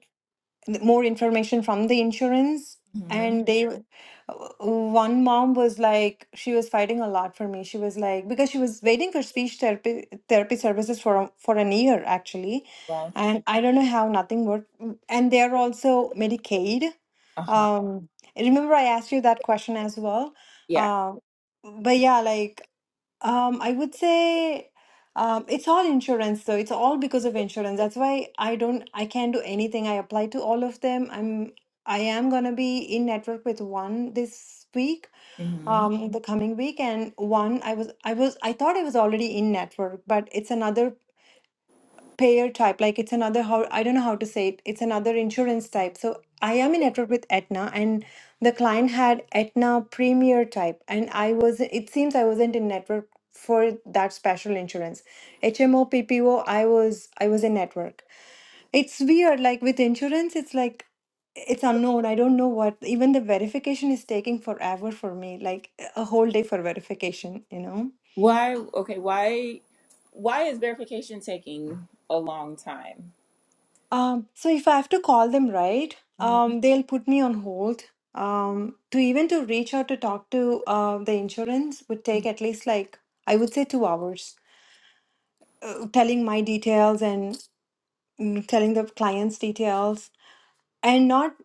[SPEAKER 3] th- more information from the insurance
[SPEAKER 1] hmm
[SPEAKER 3] and they w- w- one mom was like she was fighting a lot for me she was like because she was waiting for speech therapy therapy services for a- for an year actually
[SPEAKER 1] Well,
[SPEAKER 3] and i don't know how nothing worked Mm, and they're also medicaid
[SPEAKER 1] uh huh.
[SPEAKER 3] um remember i asked you that question as well
[SPEAKER 1] Yeah.
[SPEAKER 3] um but yeah like um, I would say um, it's all insurance, So It's all because of insurance. That's why I don't, I can't do anything. I apply to all of them. I'm, I am gonna be in network with one this week,
[SPEAKER 1] hmm
[SPEAKER 3] um, the coming week, and one I was, I was, I thought I was already in network, but it's another payer type like it's another how i don't know how to say it it's another insurance type so i am in network with aetna and the client had aetna premier type and i was it seems i wasn't in network for that special insurance hmo ppo i was i was in network it's weird like with insurance it's like it's unknown i don't know what even the verification is taking forever for me like a whole day for verification you know
[SPEAKER 1] Why? Okay. Why? Why is verification taking a long time?
[SPEAKER 3] Um, so if I have to call them right,
[SPEAKER 1] Mhm.
[SPEAKER 3] um, they'll put me on hold. Um, to even to reach out to talk to uh, the insurance would take at least like I would say two hours, telling my details and mm, telling the client's details, and not.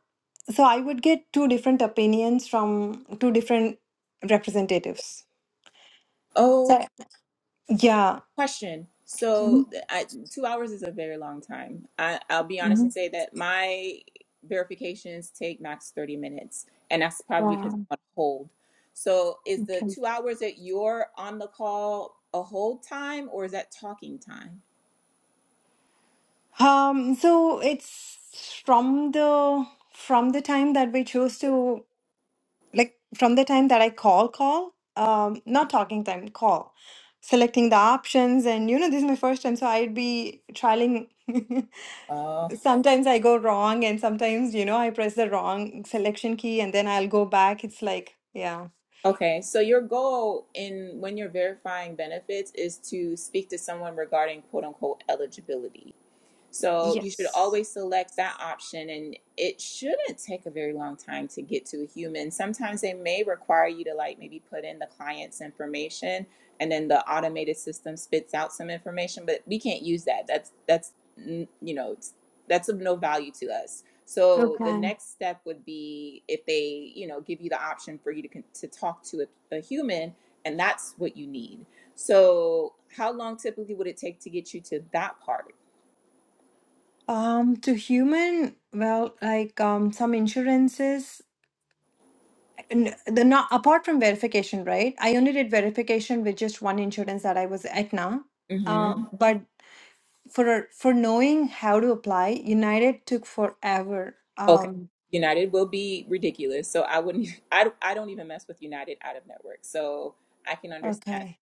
[SPEAKER 3] So I would get two different opinions from two different representatives. So, Yeah.
[SPEAKER 1] question. So
[SPEAKER 3] Mhm,
[SPEAKER 1] th- I, two hours is a very long time. I, I'll be honest and
[SPEAKER 3] mhm.
[SPEAKER 1] say that my verifications take max 30 minutes, and that's probably because
[SPEAKER 3] wow.
[SPEAKER 1] I'm on hold. So is the
[SPEAKER 3] Okay.
[SPEAKER 1] two hours that you're on the call a hold time or is that talking time?
[SPEAKER 3] Um, so it's from the from the time that we chose to. like from the time that I call, call, um, not talking time, call, selecting the options. And you know, this is my first time, so I'd be trialing. <laughs>
[SPEAKER 1] Oh,
[SPEAKER 3] sometimes I go wrong, and sometimes, you know, I press the wrong selection key and then I'll go back. It's like, yeah.
[SPEAKER 1] okay. So your goal in when you're verifying benefits is to speak to someone regarding quote unquote eligibility. So you should
[SPEAKER 3] Yes.
[SPEAKER 1] always select that option, and it shouldn't take a very long time to get to a human. Sometimes they may require you to like maybe put in the client's information, and then the automated system spits out some information. But we can't use that. That's that's mm, you know it's- that's of no value to us. So the
[SPEAKER 3] Okay.
[SPEAKER 1] next step would be if they you know give you the option for you to con- to talk to a, a human, and that's what you need. So how long typically would it take to get you to that part?
[SPEAKER 3] Um, to human, well, like um, some insurances, n- the not apart from verification, right? I only did verification with just one insurance that I was Aetna. Uh,
[SPEAKER 1] hmm
[SPEAKER 3] Oh. but for for knowing how to apply united took forever
[SPEAKER 1] Okay.
[SPEAKER 3] um
[SPEAKER 1] United will be ridiculous. So I wouldn't <laughs> I I don't even mess with United out of network. So I can understand.
[SPEAKER 3] okay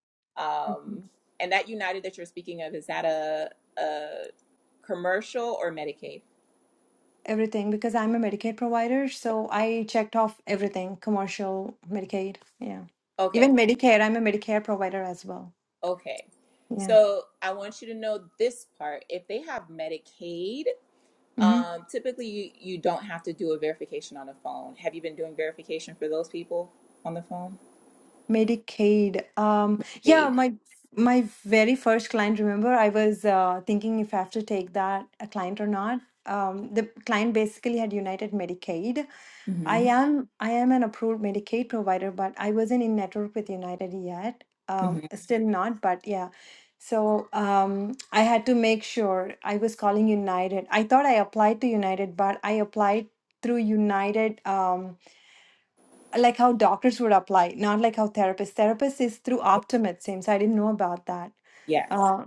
[SPEAKER 3] okay.
[SPEAKER 1] Um and that United that you're speaking of is that a a commercial or Medicaid?
[SPEAKER 3] everything because i'm a medicaid provider so i checked off everything commercial medicaid yeah
[SPEAKER 1] Okay.
[SPEAKER 3] even medicare i'm a medicare provider as well
[SPEAKER 1] Okay.
[SPEAKER 3] yeah
[SPEAKER 1] So I want you to know this part. If they have Medicaid,
[SPEAKER 3] Mm-hmm.
[SPEAKER 1] um typically you you don't have to do a verification on the phone. Have you been doing verification for those people on the phone?
[SPEAKER 3] Medicaid. Um, yeah,
[SPEAKER 1] Aid.
[SPEAKER 3] my my very first client, remember, I was uh, thinking if I have to take that a client or not. Um, the client basically had United Medicaid. I
[SPEAKER 1] Mhm.
[SPEAKER 3] am I am an approved Medicaid provider, but I wasn't in network with United yet. Um,
[SPEAKER 1] Mhm.
[SPEAKER 3] still not, but yeah. So um, I had to make sure I was calling United. I thought I applied to United, but I applied through United. Um, like how doctors would apply, not like how therapists. Therapist is through Optum, it seems. I didn't know about that.
[SPEAKER 1] Yes.
[SPEAKER 3] Uh,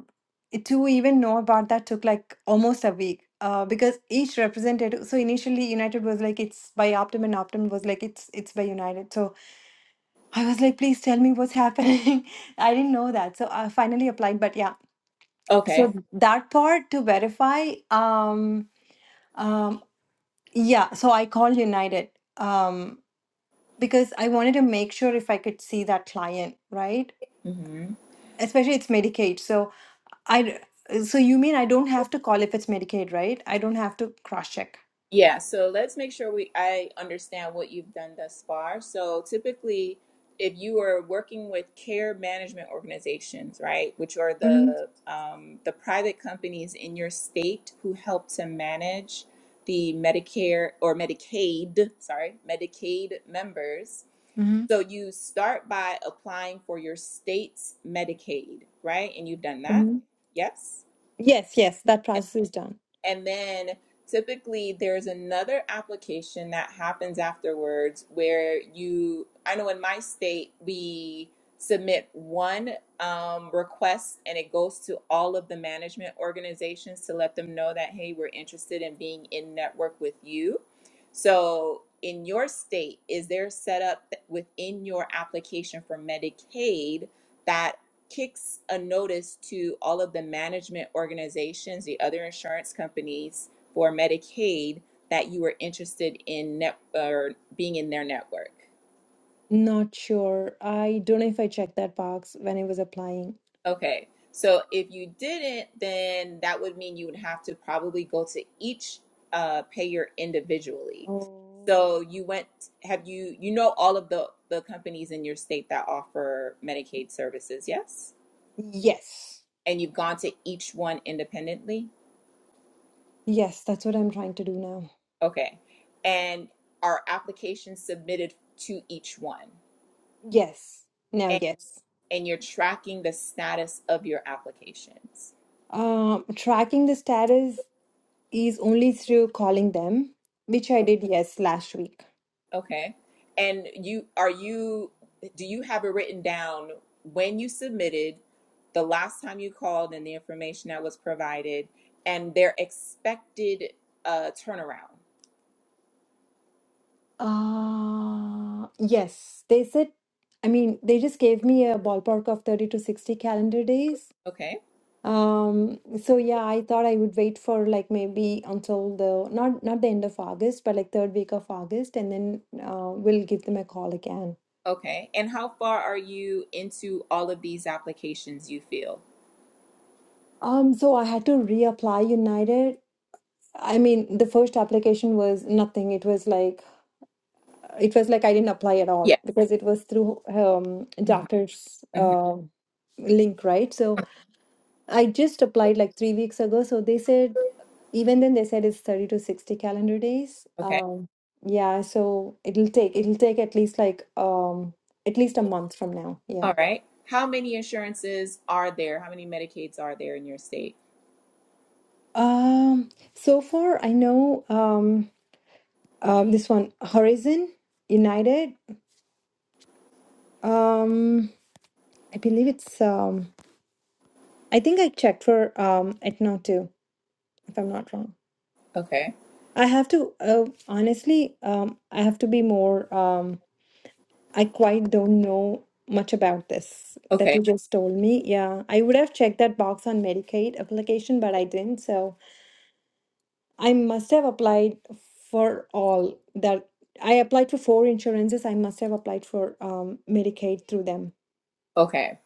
[SPEAKER 3] it- to even know about that took like almost a week uh, because each representative. So initially, United was like it's by Optum, and Optum was like it's it's by United. So I was like, please tell me what's happening. <laughs> I didn't know that, so I finally applied. But yeah, so
[SPEAKER 1] Okay.
[SPEAKER 3] Mm. that part to verify. Um, um, yeah, so I called United. Um, because I wanted to make sure if I could see that client, right?
[SPEAKER 1] Mhm.
[SPEAKER 3] Especially it's Medicaid. So I so you mean I don't have to call if it's Medicaid, right? I don't have to cross check.
[SPEAKER 1] Yeah, so let's make sure we I understand what you've done thus far. So typically, if you are working with care management organizations, right, which are
[SPEAKER 3] hmm
[SPEAKER 1] the um, the private companies in your state who help to manage the Medicare or Medicaid, sorry, Medicaid members.
[SPEAKER 3] hmm
[SPEAKER 1] So you start by applying for your state's Medicaid, right? And you've done that.
[SPEAKER 3] hmm
[SPEAKER 1] Yes.
[SPEAKER 3] Yes, yes, that process is done.
[SPEAKER 1] And then typically there's another application that happens afterwards where you, I know in my state, we submit one um, request and it goes to all of the management organizations to let them know that, hey, we're interested in being in network with you. So, in your state, is there set up th- within your application for Medicaid? that? kicks a notice to all of the management organizations, the other insurance companies for Medicaid that you were interested in net or being in their network.
[SPEAKER 3] Not sure. I don't know if I checked that box when I was applying.
[SPEAKER 1] Okay. So if you didn't, then that would mean you would have to probably go to each uh, payer individually.
[SPEAKER 3] Oh.
[SPEAKER 1] So you went, have you, you know, all of the, the companies in your state that offer Medicaid services, yes?
[SPEAKER 3] Yes.
[SPEAKER 1] And you've gone to each one independently?
[SPEAKER 3] Yes, that's what I'm trying to do now.
[SPEAKER 1] Okay. And are applications submitted to each one?
[SPEAKER 3] Yes. Now,
[SPEAKER 1] And
[SPEAKER 3] yes.
[SPEAKER 1] and you're tracking the status of your applications.
[SPEAKER 3] Um, tracking the status. is only through calling them, which I did, yes, last week.
[SPEAKER 1] Okay. And you are you do you have it written down when you submitted, the last time you called and the information that was provided and their expected uh turnaround.
[SPEAKER 3] Uh, yes, they said, I mean, they just gave me a ballpark of 30 to 60 calendar days.
[SPEAKER 1] Okay.
[SPEAKER 3] Um, so yeah, I thought I would wait for like maybe until the not not the end of August, but like third week of August, and then uh, we'll give them a call again.
[SPEAKER 1] Okay. And how far are you into all of these applications you feel?
[SPEAKER 3] Um, so I had to reapply United. I mean, the first application was nothing. It was like it was like I didn't apply at all
[SPEAKER 1] Yes.
[SPEAKER 3] because it was through um,
[SPEAKER 1] Mhm.
[SPEAKER 3] doctor's
[SPEAKER 1] Mhm.
[SPEAKER 3] uh, link, right? So I just applied like three weeks ago. So they said, even then they said it's 30 to 60 calendar days.
[SPEAKER 1] Okay.
[SPEAKER 3] Um, yeah, so it'll take it'll take at least like um, at least a month from now. Yeah.
[SPEAKER 1] All right. How many insurances are there? How many Medicaids are there in your state?
[SPEAKER 3] Um, so far I know um, um, this one Horizon United. Um, I believe it's um, I think I checked for um, Etna too. if I'm not wrong.
[SPEAKER 1] Okay.
[SPEAKER 3] I have to uh, honestly, um, I have to be more. Um, I quite don't know much about this that
[SPEAKER 1] Okay.
[SPEAKER 3] you just told me. Yeah, I would have checked that box on Medicaid application, but I didn't. So I must have applied for all that. I applied for four insurances. I must have applied for um, Medicaid through them.
[SPEAKER 1] Okay.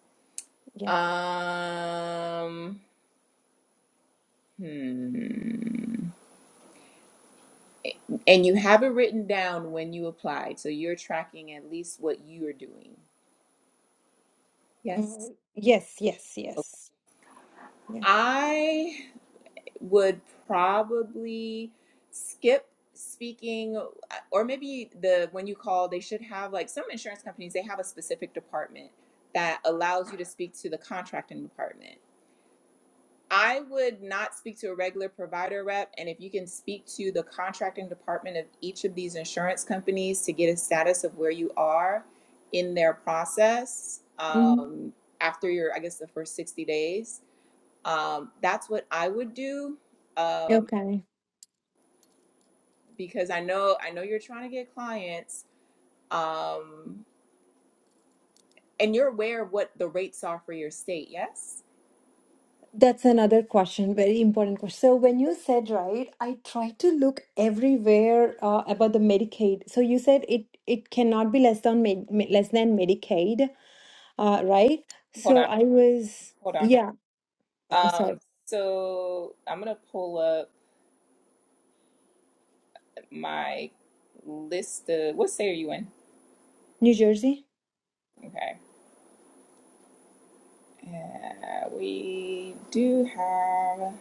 [SPEAKER 3] Yeah.
[SPEAKER 1] Um, hmm. And you have it written down when you applied, so you're tracking at least what you are doing.
[SPEAKER 3] Uh,
[SPEAKER 1] Yes.
[SPEAKER 3] yes, yes,
[SPEAKER 1] Okay.
[SPEAKER 3] yes. Yeah.
[SPEAKER 1] I would probably skip speaking uh, or maybe the when you call they should have like some insurance companies they have a specific department that allows you to speak to the contracting department I would not speak to a regular provider rep. And if you can speak to the contracting department of each of these insurance companies to get a status of where you are in their process
[SPEAKER 3] hmm
[SPEAKER 1] um, after your, I guess, the first 60 days, um, that's what I would do. Um,
[SPEAKER 3] Okay.
[SPEAKER 1] because I know, I know you're trying to get clients, um, and you're aware of what the rates are for your state. Yes.
[SPEAKER 3] That's another question, very important question. So when you said, right, I tried to look everywhere uh, about the Medicaid. So you said it it cannot be less than med, me- less than Medicaid, uh, right?
[SPEAKER 1] Hold
[SPEAKER 3] So
[SPEAKER 1] on,
[SPEAKER 3] I was,
[SPEAKER 1] hold on, hold
[SPEAKER 3] yeah, oh, oh,
[SPEAKER 1] on. Um,
[SPEAKER 3] sorry,
[SPEAKER 1] so I'm gonna pull up. my list of what state are you in?
[SPEAKER 3] New Jersey.
[SPEAKER 1] Okay. Uh, we do have,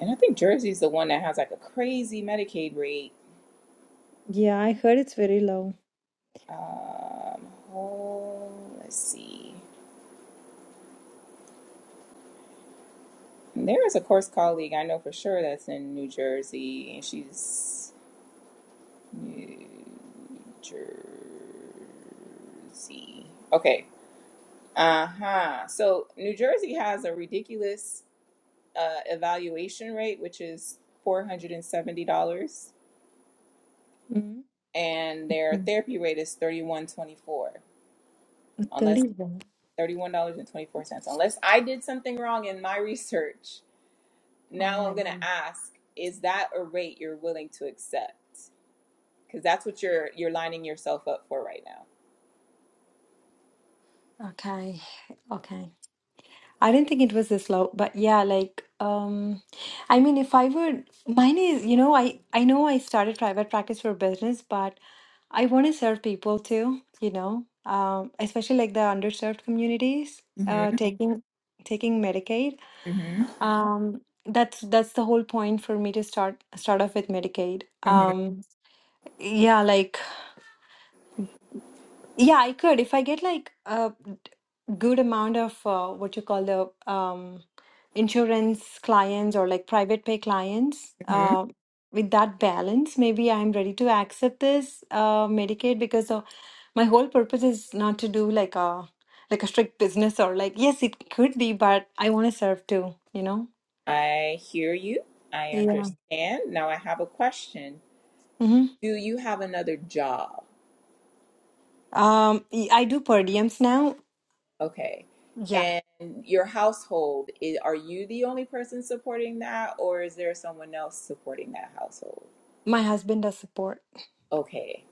[SPEAKER 1] and I think Jersey's the one that has like a crazy Medicaid rate.
[SPEAKER 3] Yeah, I heard it's very low.
[SPEAKER 1] Um, oh, let's see. And There is a course colleague I know for sure that's in New Jersey, and she's New Jersey. Okay. Uh huh. So New Jersey has a ridiculous uh, evaluation rate, which is four hundred and seventy dollars,
[SPEAKER 3] Mm-hmm.
[SPEAKER 1] and their therapy rate is thirty one twenty four, unless
[SPEAKER 3] 31.
[SPEAKER 1] thirty one dollars and twenty four cents. Unless I did something wrong in my research,
[SPEAKER 3] Oh
[SPEAKER 1] now
[SPEAKER 3] my
[SPEAKER 1] I'm gonna
[SPEAKER 3] goodness.
[SPEAKER 1] ask: Is that a rate you're willing to accept? Because that's what you're you're lining yourself up for right now.
[SPEAKER 3] Okay, okay. I didn't think it was this loud, but yeah, like um I mean if I were mine is, you know, I I know I started private practice for business, but I want to serve people too, you know. Um especially like the underserved communities, uh
[SPEAKER 1] Mm-hmm,
[SPEAKER 3] taking taking Medicaid.
[SPEAKER 1] mm-hmm,
[SPEAKER 3] Um that's that's the whole point for me to start start off with Medicaid.
[SPEAKER 1] mm-hmm,
[SPEAKER 3] Um yeah, like Yeah, I could. If I get like a good amount of uh, what you call the um, insurance clients or like private pay clients,
[SPEAKER 1] mm-hmm.
[SPEAKER 3] uh, with that balance, maybe I'm ready to accept this uh, Medicaid because uh, my whole purpose is not to do like a like a strict business or like yes, it could be, but I want to serve too, you know?
[SPEAKER 1] I hear you. I
[SPEAKER 3] Yeah.
[SPEAKER 1] understand. Now I have a question.
[SPEAKER 3] hmm
[SPEAKER 1] Do you have another job?
[SPEAKER 3] Um, y- I do per diems now.
[SPEAKER 1] Okay.
[SPEAKER 3] Yeah,
[SPEAKER 1] And your household, i are you the only person supporting that, or is there someone else supporting that household?
[SPEAKER 3] my husband does support.
[SPEAKER 1] Okay,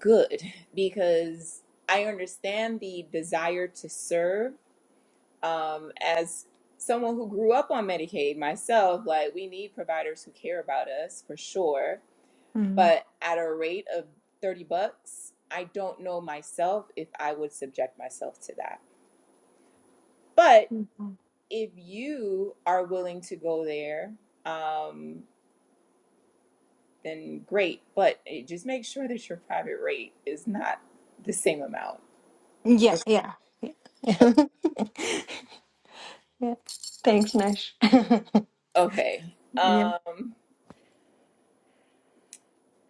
[SPEAKER 1] good. <laughs> Because I understand the desire to serve. Um, as someone who grew up on Medicaid myself, like we need providers who care about us for sure.
[SPEAKER 3] Mhm.
[SPEAKER 1] But at a rate of 30 bucks, I don't know myself if I would subject myself to that. But if you are willing to go there, um, then great. But it, just make sure that your private rate is not the same amount.
[SPEAKER 3] Yeah, yeah. yeah. <laughs> Yeah. Thanks, Nash. <laughs>
[SPEAKER 1] Okay.
[SPEAKER 3] yeah.
[SPEAKER 1] Um,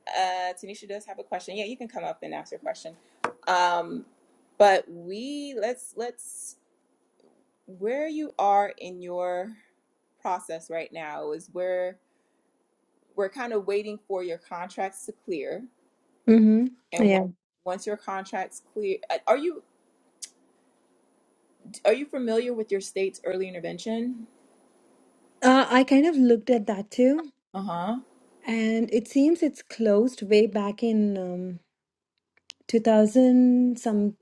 [SPEAKER 1] uh, Tanisha does have a question. Yeah, you can come up and ask your question. Um, but we let's let's where you are in your process right now is where we're kind of waiting for your contracts to clear.
[SPEAKER 3] hmm
[SPEAKER 1] And when,
[SPEAKER 3] Yeah.
[SPEAKER 1] once your contracts clear, uh, are you Are you familiar with your state's early intervention?
[SPEAKER 3] Uh, I kind of looked at that too,
[SPEAKER 1] Uh-huh.
[SPEAKER 3] and it seems it's closed way back in um, 2000 some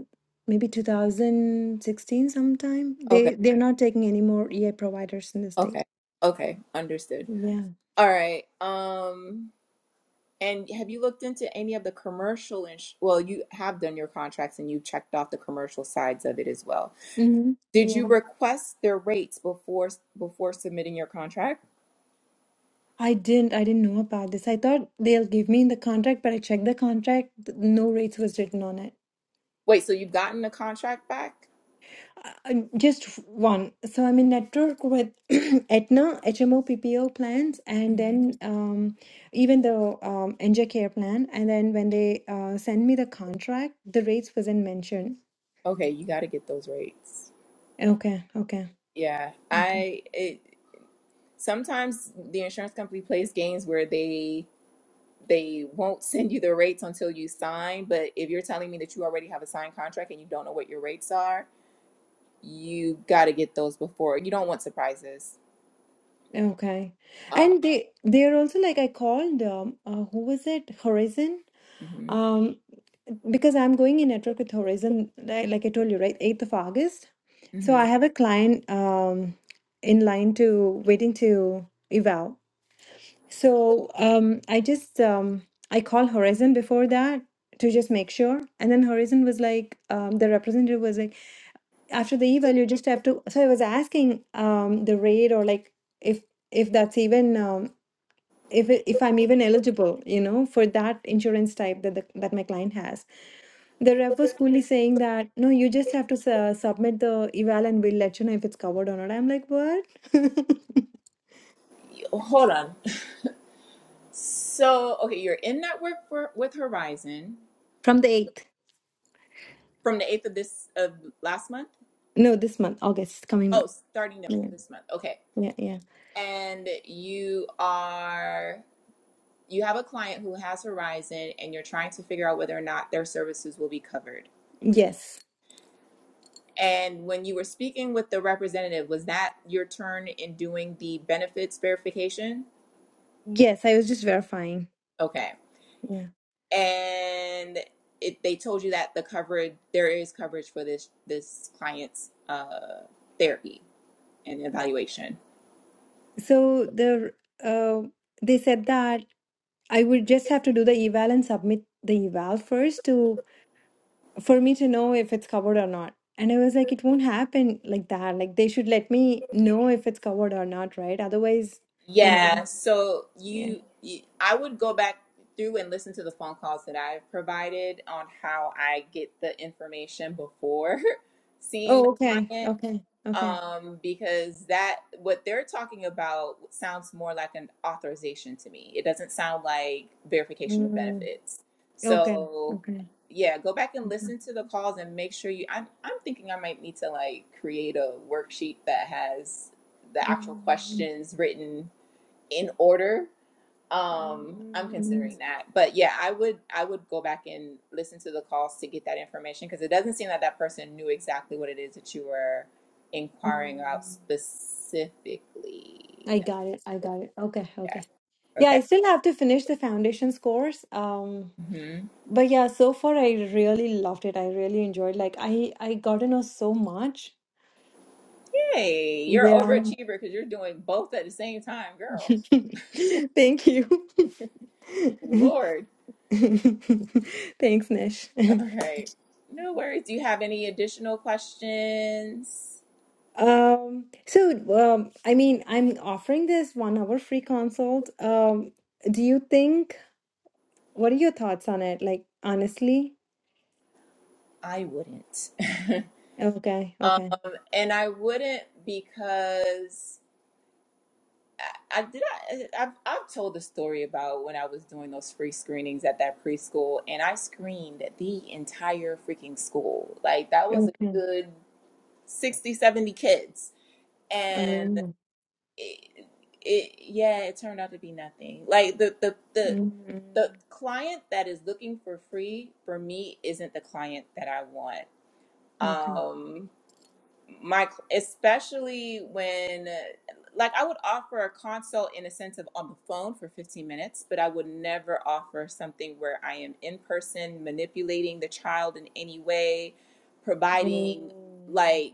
[SPEAKER 3] maybe 2016 sometime.
[SPEAKER 1] Okay.
[SPEAKER 3] They they're not taking any more EA providers in the state.
[SPEAKER 1] Okay. Okay. Understood.
[SPEAKER 3] Yeah.
[SPEAKER 1] All right. Um and have you looked into any of the commercial ins- well, you have done your contracts and you checked off the commercial sides of it as well.
[SPEAKER 3] hmm
[SPEAKER 1] Did you
[SPEAKER 3] Yeah.
[SPEAKER 1] request their rates before before submitting your contract?
[SPEAKER 3] I didn't I didn't know about this. I thought they'll give me in the contract, but I checked the contract. th- No rates was written on it.
[SPEAKER 1] Wait, so you've gotten the contract back?
[SPEAKER 3] Um, Just one. So I'm in network with <clears throat> Aetna, HMO, PPO plans, and
[SPEAKER 1] hmm
[SPEAKER 3] then um, even the um, NJ Care plan. And then when they uh, send me the contract, the rates wasn't mentioned.
[SPEAKER 1] Okay, you got to get those rates.
[SPEAKER 3] Okay, okay,
[SPEAKER 1] Yeah.
[SPEAKER 3] okay,
[SPEAKER 1] I it sometimes the insurance company plays games where they they won't send you the rates until you sign. But if you're telling me that you already have a signed contract and you don't know what your rates are, you got to get those before. You don't want surprises.
[SPEAKER 3] okay.
[SPEAKER 1] Uh,
[SPEAKER 3] And they they're also like I called um, uh, who was it? Horizon.
[SPEAKER 1] mhm,
[SPEAKER 3] Um, because I'm going in network with Horizon, li- like I told you, right, 8th of August. So I
[SPEAKER 1] mhm.
[SPEAKER 3] have a client um, in line to waiting to eval. So um, I just um, I call Horizon before that to just make sure, and then Horizon was like um, the representative was like after the eval you just have to. So I was asking um, the rate or like if if that's even um, if it- if I'm even eligible, you know, for that insurance type that the, that my client has. The rep was coolly saying that, no, you just have to su- submit the eval and we'll let you know if it's covered or not. I'm like, what? <laughs>
[SPEAKER 1] Hold on. So, okay, you're in network for, with Horizon
[SPEAKER 3] From the 8th.
[SPEAKER 1] from the 8th of this of last month.
[SPEAKER 3] No, this month, August, coming
[SPEAKER 1] Oh,
[SPEAKER 3] month.
[SPEAKER 1] starting th-
[SPEAKER 3] Yeah,
[SPEAKER 1] this month. Okay.
[SPEAKER 3] yeah, yeah.
[SPEAKER 1] And you are you have a client who has Horizon and you're trying to figure out whether or not their services will be covered
[SPEAKER 3] Yes.
[SPEAKER 1] And when you were speaking with the representative, was that your turn in doing the benefits verification?
[SPEAKER 3] Yes, I was just verifying.
[SPEAKER 1] Okay.
[SPEAKER 3] Yeah.
[SPEAKER 1] And it, they told you that the coverage there is coverage for this this client's uh, therapy and evaluation.
[SPEAKER 3] So the uh, they said that I would just have to do the eval and submit the eval first to for me to know if it's covered or not. And I was like, it won't happen like that. Like they should let me know if it's covered or not, right? Otherwise, you know.
[SPEAKER 1] Yeah. So
[SPEAKER 3] Yeah.
[SPEAKER 1] you, you, I would go back through and listen to the phone calls that I've provided on how I get the information before <laughs> seeing the
[SPEAKER 3] Oh, okay.
[SPEAKER 1] client
[SPEAKER 3] Okay. Okay.
[SPEAKER 1] um, because that what they're talking about sounds more like an authorization to me. It doesn't sound like verification of
[SPEAKER 3] Mm,
[SPEAKER 1] benefits.
[SPEAKER 3] okay.
[SPEAKER 1] So,
[SPEAKER 3] Okay.
[SPEAKER 1] yeah, go back and
[SPEAKER 3] Mhm.
[SPEAKER 1] listen to the calls and make sure you. I'm I'm thinking I might need to like create a worksheet that has the actual
[SPEAKER 3] Mm,
[SPEAKER 1] questions written in order um i'm
[SPEAKER 3] mm,
[SPEAKER 1] considering that but yeah i would i would go back and listen to the calls to get that information because it doesn't seem that that person knew exactly what it is that you were inquiring about
[SPEAKER 3] mm.
[SPEAKER 1] specifically
[SPEAKER 3] I got it. I got it. Okay.
[SPEAKER 1] yeah
[SPEAKER 3] Okay. Yeah,
[SPEAKER 1] okay
[SPEAKER 3] I still have to finish the foundations course. Um,
[SPEAKER 1] hmm
[SPEAKER 3] but yeah, so far I really loved it. I really enjoyed. Like I I got to know so much.
[SPEAKER 1] hey you're
[SPEAKER 3] Yeah.
[SPEAKER 1] overachiever because you're doing both at the same time girl
[SPEAKER 3] <laughs> Thank you. <laughs>
[SPEAKER 1] lord
[SPEAKER 3] <laughs> Thanks, Nish. <laughs>
[SPEAKER 1] all right no worries do you have any additional questions
[SPEAKER 3] Um, so, um, I mean, I'm offering this one hour free consult. Um, do you think, what are your thoughts on it? Like, honestly?
[SPEAKER 1] i wouldn't
[SPEAKER 3] Okay,
[SPEAKER 1] <laughs> um
[SPEAKER 3] okay,
[SPEAKER 1] and i wouldn't because I I did. I, I've, I've told the story about when I was doing those free screenings at that preschool, and I screened the entire freaking school. Like, that was a
[SPEAKER 3] okay.
[SPEAKER 1] good 60, 70 kids. And
[SPEAKER 3] Um,
[SPEAKER 1] it, it yeah, it turned out to be nothing. Like, the, the, the,
[SPEAKER 3] mm,
[SPEAKER 1] the client that is looking for free for me isn't the client that I want.
[SPEAKER 3] okay.
[SPEAKER 1] Um, my especially when like i would offer a consult in a sense of on the phone for 15 minutes but i would never offer something where i am in person manipulating the child in any way providing
[SPEAKER 3] Mm,
[SPEAKER 1] like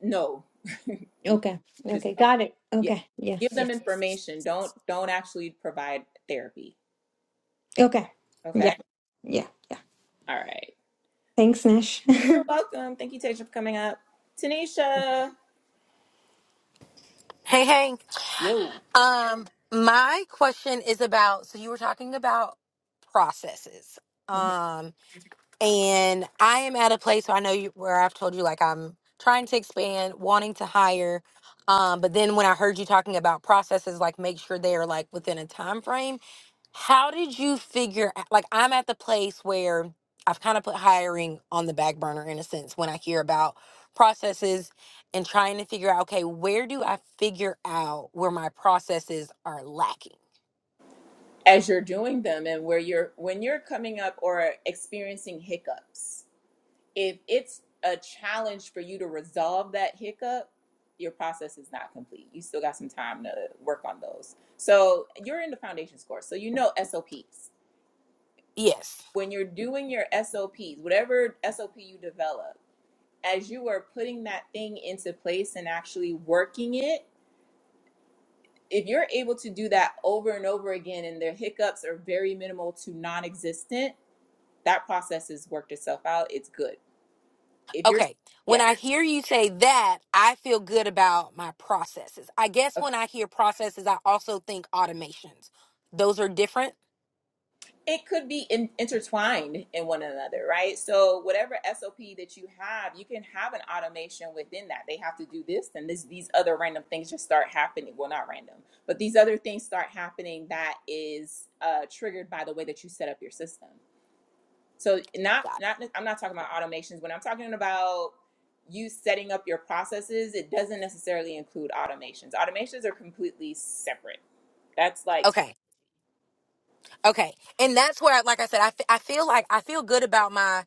[SPEAKER 1] no <laughs>
[SPEAKER 3] okay,
[SPEAKER 1] just
[SPEAKER 3] okay,
[SPEAKER 1] no
[SPEAKER 3] got it.
[SPEAKER 1] yeah
[SPEAKER 3] Okay, yeah,
[SPEAKER 1] give
[SPEAKER 3] yeah.
[SPEAKER 1] them information don't don't actually provide therapy
[SPEAKER 3] Okay, yeah,
[SPEAKER 1] okay
[SPEAKER 3] yeah, yeah.
[SPEAKER 1] all right
[SPEAKER 3] Thanks, Nash.
[SPEAKER 1] you're welcome thank you tasha for coming up tanisha
[SPEAKER 4] Hey, hey.
[SPEAKER 1] yo
[SPEAKER 4] Um, my question is about so you were talking about processes.
[SPEAKER 1] Mm-hmm.
[SPEAKER 4] Um, and I am at a place where I know you, where I've told you like I'm trying to expand, wanting to hire. Um, but then when I heard you talking about processes, like make sure they are like within a time frame. How did you figure like I'm at the place where I've kind of put hiring on the back burner in a sense when I hear about processes and trying to figure out okay, where do I figure out where my processes are lacking?
[SPEAKER 1] as you're doing them and where you're when you're coming up or experiencing hiccups if it's a challenge for you to resolve that hiccup your process is not complete you still got some time to work on those so you're in the foundations course so you know sops
[SPEAKER 4] Yes.
[SPEAKER 1] when you're doing your sops whatever sop you develop as you are putting that thing into place and actually working it if you're able to do that over and over again and their hiccups are very minimal to non-existent that process has worked itself out. It's good. If you're,
[SPEAKER 4] Okay. When
[SPEAKER 1] yeah,
[SPEAKER 4] I hear you say that, I feel good about my processes. I guess
[SPEAKER 1] okay.
[SPEAKER 4] when I hear processes, I also think automations. Those are different.
[SPEAKER 1] It could be in, intertwined in one another, right? So whatever SOP that you have, you can have an automation within that. They have to do this, and this these other random things just start happening. Well, not random, but these other things start happening that is uh, triggered by the way that you set up your system. So not
[SPEAKER 4] Got it.
[SPEAKER 1] not I'm not talking about automations. When I'm talking about you setting up your processes, it doesn't necessarily include automations. Automations are completely separate That's like tech.
[SPEAKER 4] Okay. Okay. And that's where, like I said, I, f- I feel like I feel good about my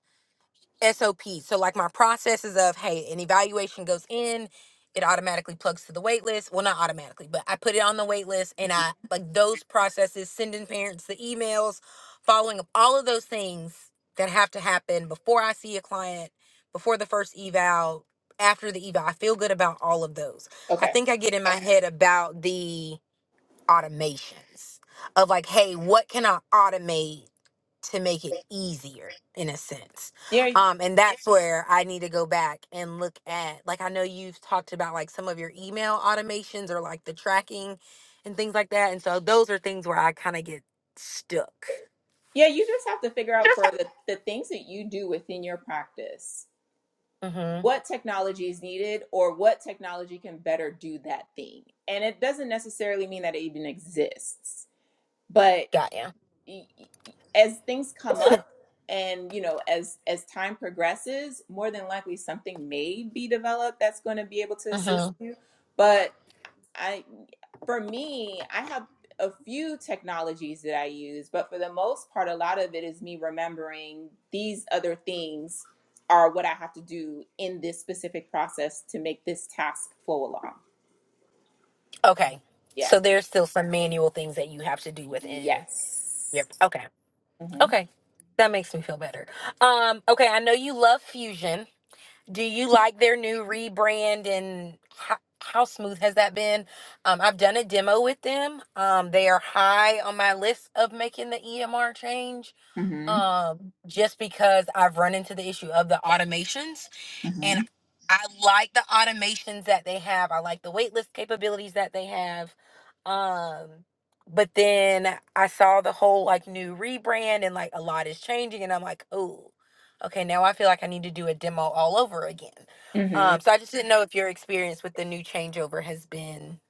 [SPEAKER 4] SOP. So like my processes of hey, an evaluation goes in, it automatically plugs to the wait list. Well, not automatically, but I put it on the wait list and I like those processes, sending parents the emails, following up, all of those things that have to happen before I see a client, before the first eval, after the eval. I feel good about all of those. I
[SPEAKER 1] Okay.
[SPEAKER 4] think I get in my head about the automations of like, hey, what can I automate? to make it easier in a sense.
[SPEAKER 1] Yeah.
[SPEAKER 4] Um, and that's where I need to go back and look at, like, I know you've talked about like some of your email automations or like the tracking and things like that. And so those are things where I kind of get stuck.
[SPEAKER 1] Yeah. You just have to figure out for the, the things that you do within your practice,
[SPEAKER 4] Mm-hmm.
[SPEAKER 1] what technology is needed or what technology can better do that thing. And it doesn't necessarily mean that it even exists, but
[SPEAKER 4] Got you.
[SPEAKER 1] as things come up and you know as as time progresses more than likely something may be developed that's going to be able to assist
[SPEAKER 4] Mm-hmm.
[SPEAKER 1] you but I for me, I have a few technologies that I use, but for the most part, a lot of it is me remembering these other things are what I have to do in this specific process to make this task flow along.
[SPEAKER 4] Okay.
[SPEAKER 1] Yeah.
[SPEAKER 4] So there's still some manual things that you have to do within.
[SPEAKER 1] Yes.
[SPEAKER 4] Yep. Okay.
[SPEAKER 1] Mhm.
[SPEAKER 4] Okay. That makes me feel better. Um, okay. I know you love fusion. Do you like their new rebrand and how, how smooth has that been? Um, I've done a demo with them. Um, they are high on my list of making the EMR change
[SPEAKER 1] Mhm.
[SPEAKER 4] um, just because I've run into the issue of the automations and
[SPEAKER 1] Mhm.
[SPEAKER 4] I like the automations that they have. I like the waitlist capabilities that they have. Um, but then I saw the whole like new rebrand and like a lot is changing, and I'm like, oh, okay, now I feel like I need to do a demo all over again.
[SPEAKER 1] Mhm.
[SPEAKER 4] Um, so I just didn't know if your experience with the new changeover has been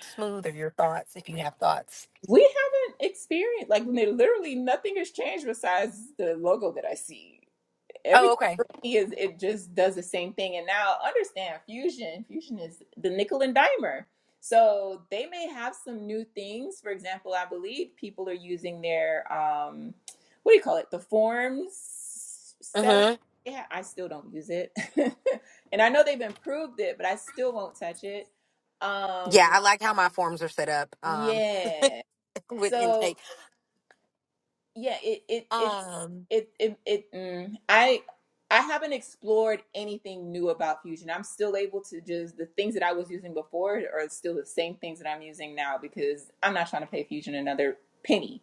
[SPEAKER 4] smooth or your thoughts, if you have thoughts.
[SPEAKER 1] We haven't experienced like literally nothing has changed besides the logo that I see.
[SPEAKER 4] Oh,
[SPEAKER 1] everything
[SPEAKER 4] okay.
[SPEAKER 1] for me is it just does the same thing. And now understand fusion. Fusion is the nickel and dimer. So they may have some new things. For example, I believe people are using their um, what do you call it? The forms setup.
[SPEAKER 4] Mm-hmm.
[SPEAKER 1] Yeah, I still don't use it, <laughs> and I know they've improved it, but I still won't touch it.
[SPEAKER 4] Yeah,
[SPEAKER 1] Um,
[SPEAKER 4] I like how my forms are set up um,
[SPEAKER 1] yeah.
[SPEAKER 4] <laughs> with
[SPEAKER 1] So
[SPEAKER 4] intake.
[SPEAKER 1] Yeah, it it it's
[SPEAKER 4] Um,
[SPEAKER 1] it it it mm, I I haven't explored anything new about Fusion. I'm still able to just the things that I was using before are still the same things that I'm using now because I'm not trying to pay Fusion another penny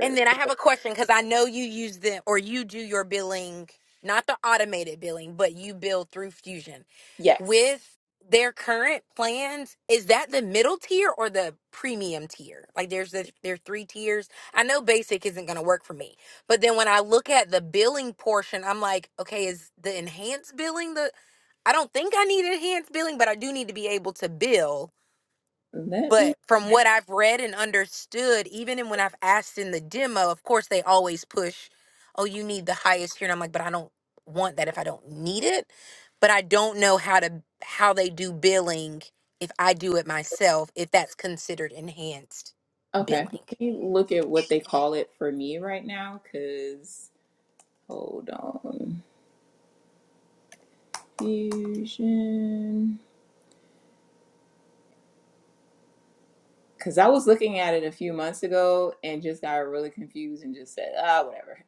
[SPEAKER 4] And then I have a question because I know you use them or you do your billing, not the automated billing, but you bill through Fusion.
[SPEAKER 1] yes.
[SPEAKER 4] With their current plans, is that the middle tier or the premium tier? Like there's the there are three tiers. I know basic isn't gonna work for me. But then when I look at the billing portion, I'm like, okay, is the enhanced billing the I don't think I need enhanced billing, but I do need to be able to bill.
[SPEAKER 1] Let me
[SPEAKER 4] But from what I've read and understood, even in when I've asked in the demo, of course they always push, oh, you need the highest here. And I'm like, but I don't want that if I don't need it. But I don't know how to how they do billing if I do it myself, if that's considered enhanced
[SPEAKER 1] okay,
[SPEAKER 4] billing.
[SPEAKER 1] let me look at what they call it for me right now cuz hold on. Fusion. Cause I was looking at it a few months ago and just got really confused and just said, ah, whatever.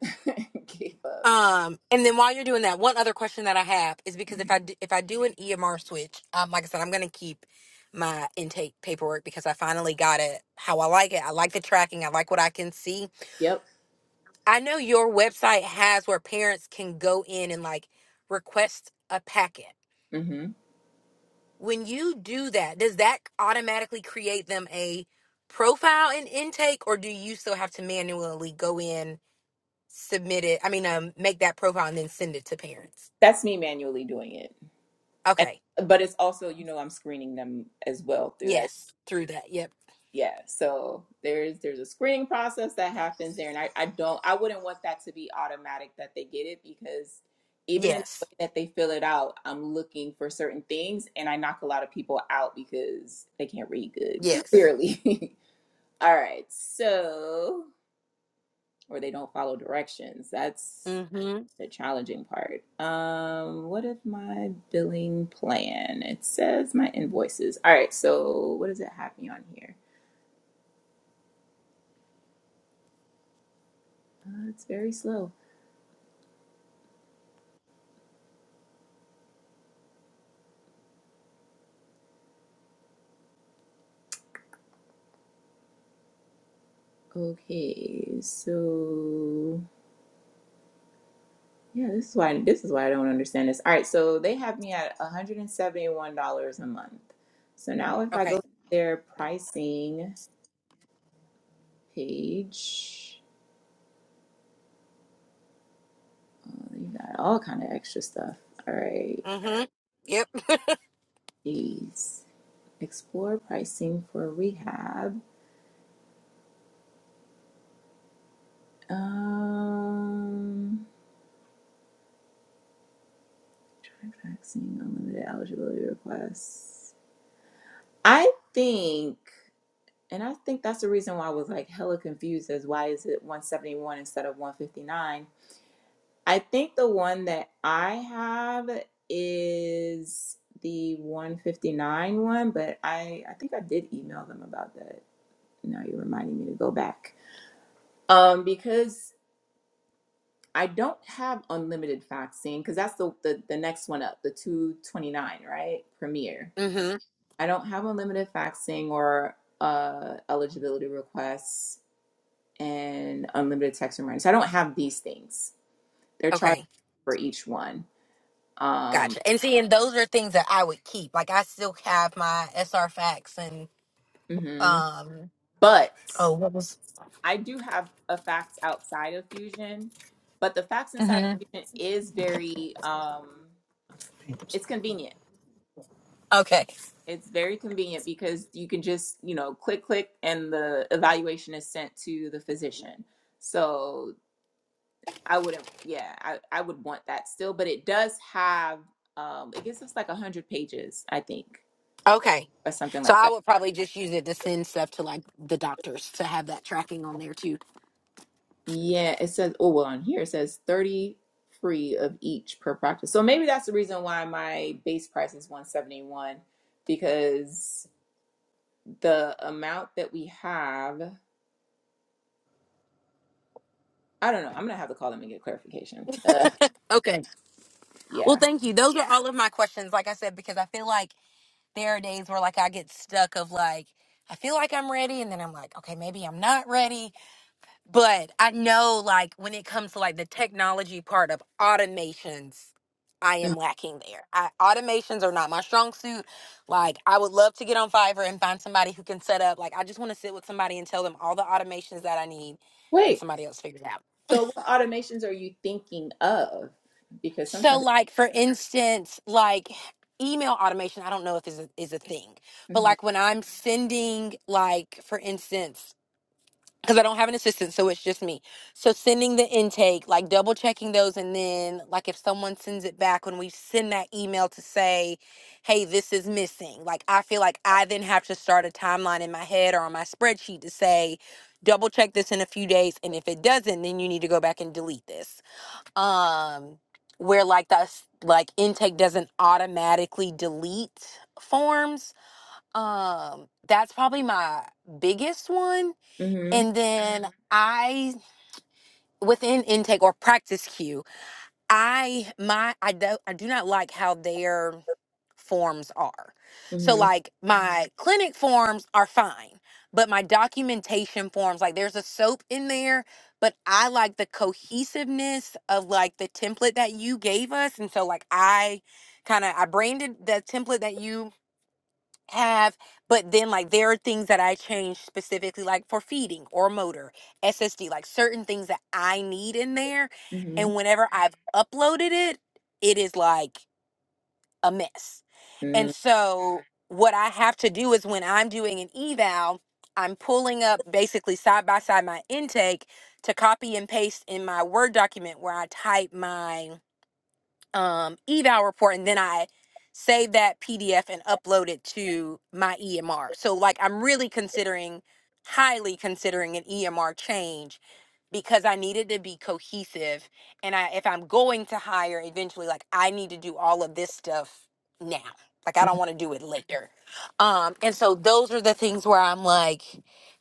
[SPEAKER 1] <laughs> Gave up.
[SPEAKER 4] Um, and then while you're doing that, one other question that I have is because if I
[SPEAKER 1] Mhm.
[SPEAKER 4] do, if I do an EMR switch, um, like I said, I'm gonna keep my intake paperwork because I finally got it how I like it. I like the tracking. I like what I can see
[SPEAKER 1] Yep.
[SPEAKER 4] I know your website has where parents can go in and like request a packet.
[SPEAKER 1] hmm
[SPEAKER 4] When you do that, does that automatically create them a profile and intake, or do you still have to manually go in, submit it? I mean, um, make that profile and then send it to parents.
[SPEAKER 1] That's me manually doing it. And
[SPEAKER 4] Okay.
[SPEAKER 1] but it's also, you know, I'm screening them as well through that.
[SPEAKER 4] Yes. Through that. Yep.
[SPEAKER 1] Yeah. So there's there's a screening process that happens there. And I, I don't I wouldn't want that to be automatic that they get it because even in the
[SPEAKER 4] Yes.
[SPEAKER 1] way that they fill it out, I'm looking for certain things and I knock a lot of people out because they can't read good, <laughs>
[SPEAKER 4] Yes.
[SPEAKER 1] clearly. All right. So, or they don't follow directions. That's
[SPEAKER 4] Mm-hmm.
[SPEAKER 1] the challenging part. Um, what if my billing plan? It says my invoices. All right. So, what does it have me on here? Uh, it's very slow. Okay. So, yeah, this is why this is why I don't understand this. All right. So, they have me at $171 a month. So, now if I go
[SPEAKER 4] Okay.
[SPEAKER 1] to their pricing page, oh, you got all kind of extra stuff. All right.
[SPEAKER 4] Mm-hmm. Yep.
[SPEAKER 1] Jeez. Explore pricing for rehab. Um, vaccine unlimited eligibility requests. I think, and I think that's the reason why I was like hella confused as why is it 171 instead of 159. I think the one that I have is the 159 one, but I I think I did email them about that. Now you're reminding me to go back um because I don't have unlimited vaccine because that's the, the the next one up, the 229, right? Premier.
[SPEAKER 4] Mm-hmm.
[SPEAKER 1] I don't have unlimited vaccine or uh, eligibility requests and unlimited text reminders. I don't have these things. They're charged
[SPEAKER 4] Okay.
[SPEAKER 1] for each one. Um,
[SPEAKER 4] Gotcha. And see, and those are things that I would keep. Like I still have my SR facts and
[SPEAKER 1] mhm.
[SPEAKER 4] Um.
[SPEAKER 1] But
[SPEAKER 4] Oh, what was?
[SPEAKER 1] I do have a fax outside of Fusion, but the fax inside of
[SPEAKER 4] hmm
[SPEAKER 1] Fusion is very um, it's convenient
[SPEAKER 4] Okay.
[SPEAKER 1] It's very convenient because you can just, you know, click, click, and the evaluation is sent to the physician. So I wouldn't, yeah, I, I would want that still, but it does have, um, it gives us like 100 pages, I think,
[SPEAKER 4] Okay.
[SPEAKER 1] or something
[SPEAKER 4] So
[SPEAKER 1] like
[SPEAKER 4] I
[SPEAKER 1] that.
[SPEAKER 4] would probably just use it to send stuff to like the doctors to have that tracking on there too.
[SPEAKER 1] Yeah, it says, oh, well, on here it says 30 free of each per practice. So maybe that's the reason why my base price is 171 because the amount that we have, I don't know, I'm gonna have to call them and get clarification. Uh,
[SPEAKER 4] Okay.
[SPEAKER 1] yeah.
[SPEAKER 4] Well, thank you. Those are all of my questions. Like I said, because I feel like there are days where like I get stuck of like I feel like I'm ready, and then I'm like, okay, maybe I'm not ready. But I know like when it comes to like the technology part of automations, I am lacking there. I, automations are not my strong suit. Like I would love to get on Fiverr and find somebody who can set up. Like I just want to sit with somebody and tell them all the automations that I need and
[SPEAKER 1] Wait,
[SPEAKER 4] somebody else figures it out.
[SPEAKER 1] so what automations are you thinking of? Because
[SPEAKER 4] So
[SPEAKER 1] sometimes.
[SPEAKER 4] like for instance, like email automation, I don't know if is a, is a thing. But
[SPEAKER 1] Mhm,
[SPEAKER 4] like when I'm sending like for instance because I don't have an assistant, so it's just me. So sending the intake, like double checking those, and then like if someone sends it back, when we send that email to say, "Hey, this is missing," like I feel like I then have to start a timeline in my head or on my spreadsheet to say, double check this in a few days, and if it doesn't, then you need to go back and delete this. Um, where like that's like intake doesn't automatically delete forms. Um, that's probably my biggest one
[SPEAKER 1] mhm,
[SPEAKER 4] and then Mhm. i within intake or practice cue i my i do i do not like how their forms are so
[SPEAKER 1] mhm,
[SPEAKER 4] like Mhm. my clinic forms are fine but my documentation forms like there's a soap in there but i like the cohesiveness of like the template that you gave us and so like i kind of i branded the template that you have but then like there are things that i change specifically like for feeding or motor ssd like certain things that i need in there and
[SPEAKER 1] mhm,
[SPEAKER 4] whenever i've uploaded it it is like a mess and
[SPEAKER 1] mm,
[SPEAKER 4] so what i have to do is when i'm doing an eval i'm pulling up basically side by side my intake to copy and paste in my word document where i type my um, eval report and then I save that PDF and upload it to my EMR. So like I'm really considering highly considering an EMR change because I needed to be cohesive and I if I'm going to hire eventually like I need to do all of this stuff now. Like I don't want to do it later. Um and so those are the things where I'm like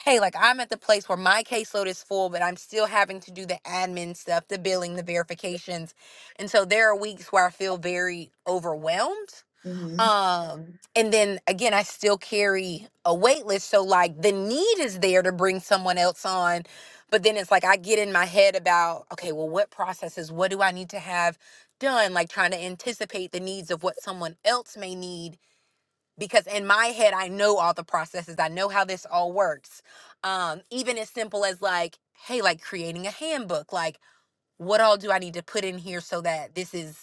[SPEAKER 4] hey like I'm at the place where my caseload is full but I'm still having to do the admin stuff, the billing, the verifications and so there are weeks where I feel very overwhelmed.
[SPEAKER 1] mhm,
[SPEAKER 4] Um, and then again, I still carry a wait list. So like the need is there to bring someone else on. But then it's like I get in my head about, okay, well, what processes, what do I need to have done? Like trying to anticipate the needs of what someone else may need. Because in my head, I know all the processes. I know how this all works. Um, even as simple as like, hey, like creating a handbook, like what all do I need to put in here so that this is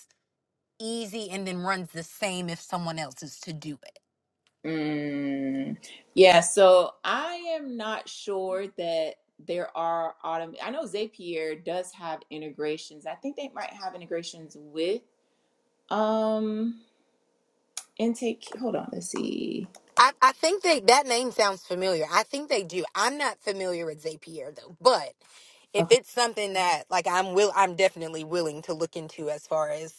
[SPEAKER 4] easy and then runs the same if someone else is to do it.
[SPEAKER 1] mm. Yeah, so I am not sure that there are autom. I know Zapier does have integrations. I think they might have integrations with um intake. Hold on, let's see.
[SPEAKER 4] I, I think they that name sounds familiar. I think they do. I'm not familiar with Zapier though, but if
[SPEAKER 1] Okay.
[SPEAKER 4] it's something that like I'm will I'm definitely willing to look into as far as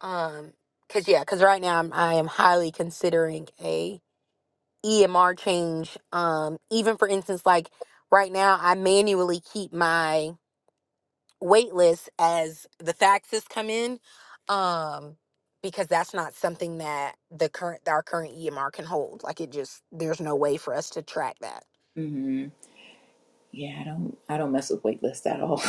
[SPEAKER 4] um cuz yeah, cuz right now I'm I am highly considering a EMR change um even for instance like right now I manually keep my wait lists as the faxes come in um because that's not something that the current our current EMR can hold like it just there's no way for us to track that
[SPEAKER 1] mm-hmm. Yeah, I don't I don't mess with wait lists at all. <laughs>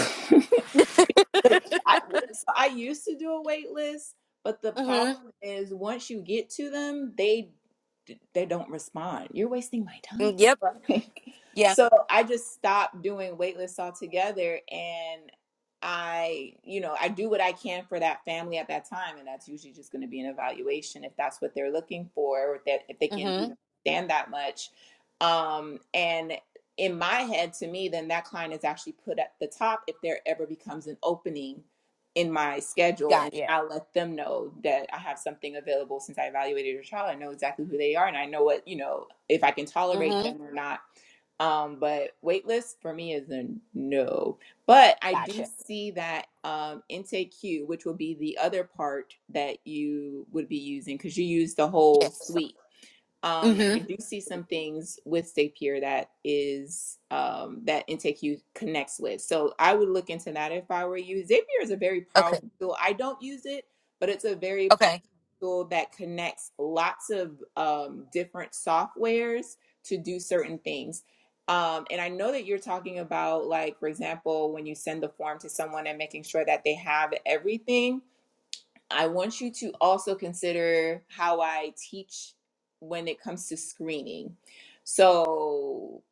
[SPEAKER 1] I, so I used to do a wait list, but the
[SPEAKER 4] mhm
[SPEAKER 1] problem is once you get to them, they they don't respond. You're wasting my time.
[SPEAKER 4] Mm,
[SPEAKER 1] <laughs>
[SPEAKER 4] yep
[SPEAKER 1] Like,
[SPEAKER 4] yeah
[SPEAKER 1] so I just stopped doing wait lists altogether and I, you know, I do what I can for that family at that time and that's usually just going to be an evaluation if that's what they're looking for or if that if they can, you know,
[SPEAKER 4] mhm
[SPEAKER 1] stand that much. Um and in my head to me then that client is actually put at the top if there ever becomes an opening in my schedule and
[SPEAKER 4] got yeah
[SPEAKER 1] i let them know that i have something available since i evaluated your child i know exactly who they are and i know what you know if i can tolerate
[SPEAKER 4] mhm
[SPEAKER 1] them or not um but waitlist for me is a no but i do
[SPEAKER 4] gotcha
[SPEAKER 1] see that um intake queue which will be the other part that you would be using because you use the whole
[SPEAKER 4] yes
[SPEAKER 1] suite um, I
[SPEAKER 4] mhm
[SPEAKER 1] do see some things with Zapier that is um, that Intake You connects with. So I would look into that if I were you. Zapier is a very
[SPEAKER 4] okay
[SPEAKER 1] powerful tool. I don't use it, but it's a very powerful
[SPEAKER 4] okay
[SPEAKER 1] tool that connects lots of um, different softwares to do certain things. Um, and I know that you're talking about, like, for example, when you send the form to someone and making sure that they have everything I want you to also consider how I teach when it comes to screening. So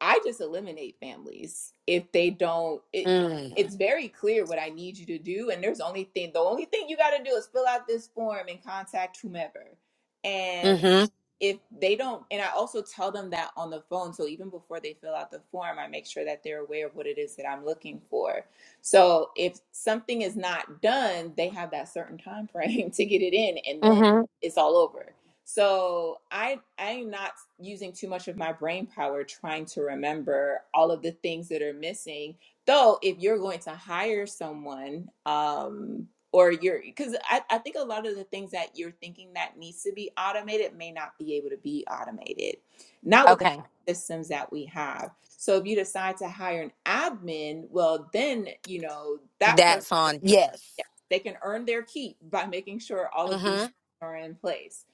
[SPEAKER 1] I just eliminate families if they don't. It,
[SPEAKER 4] mm
[SPEAKER 1] it's very clear what I need you to do, and there's only thing the only thing you got to do is fill out this form and contact whomever. And
[SPEAKER 4] mhm
[SPEAKER 1] if they don't and i also tell them that on the phone so even before they fill out the form i make sure that they're aware of what it is that i'm looking for so if something is not done they have that certain time frame <laughs> to get it in and then
[SPEAKER 4] mhm
[SPEAKER 1] it's all over so i i'm not using too much of my brain power trying to remember all of the things that are missing though if you're going to hire someone um or you're because I, I think a lot of the things that you're thinking that needs to be automated may not be able to be automated not with the current
[SPEAKER 4] okay
[SPEAKER 1] systems that we have so if you decide to hire an admin well then you know that person
[SPEAKER 4] that's on yes
[SPEAKER 1] yes, they can earn their keep by making sure all of
[SPEAKER 4] mhm
[SPEAKER 1] these are in place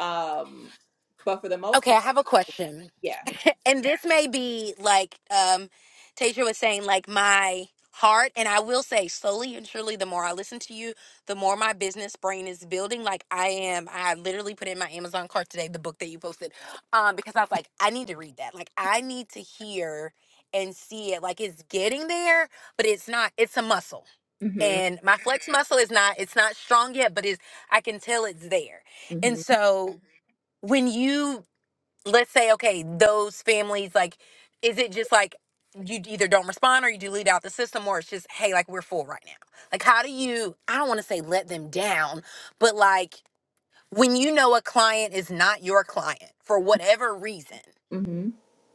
[SPEAKER 1] um but for the most
[SPEAKER 4] Okay,
[SPEAKER 1] part
[SPEAKER 4] I have a question.
[SPEAKER 1] yeah
[SPEAKER 4] <laughs> and this may be like um Tasia was saying, like my heart, and I will say slowly and surely, the more I listen to you, the more my business brain is building. Like I am, I literally put in my Amazon cart today the book that you posted, um, because I was like, I need to read that. Like I need to hear and see it. Like it's getting there, but it's not. It's a muscle,
[SPEAKER 1] hmm
[SPEAKER 4] and my flex muscle is not. It's not strong yet, but is. I can tell it's there, and
[SPEAKER 1] hmm
[SPEAKER 4] so when you let's say okay those families like is it just like you either don't respond or you delete out the system or it's just hey like we're full right now like how do you i don't want to say let them down but like when you know a client is not your client for whatever reason
[SPEAKER 1] hmm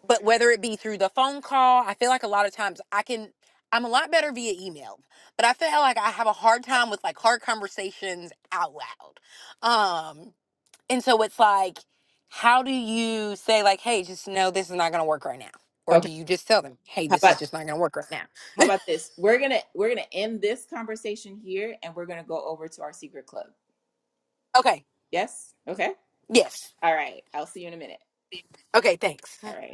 [SPEAKER 4] but whether it be through the phone call i feel like a lot of times i can i'm a lot better via email but i feel like i have a hard time with like hard conversations out loud Um, and so it's like, how do you say like, hey, just know this is not gonna work right now? Or do
[SPEAKER 1] okay
[SPEAKER 4] you just tell them, hey,
[SPEAKER 1] how
[SPEAKER 4] this
[SPEAKER 1] about
[SPEAKER 4] is just not gonna work right now?
[SPEAKER 1] how about this we're gonna we're gonna end this conversation here and we're gonna go over to our secret club
[SPEAKER 4] Okay.
[SPEAKER 1] Yes? Okay.
[SPEAKER 4] Yes.
[SPEAKER 1] All right. I'll see you in a minute.
[SPEAKER 4] Okay, thanks.
[SPEAKER 1] All right.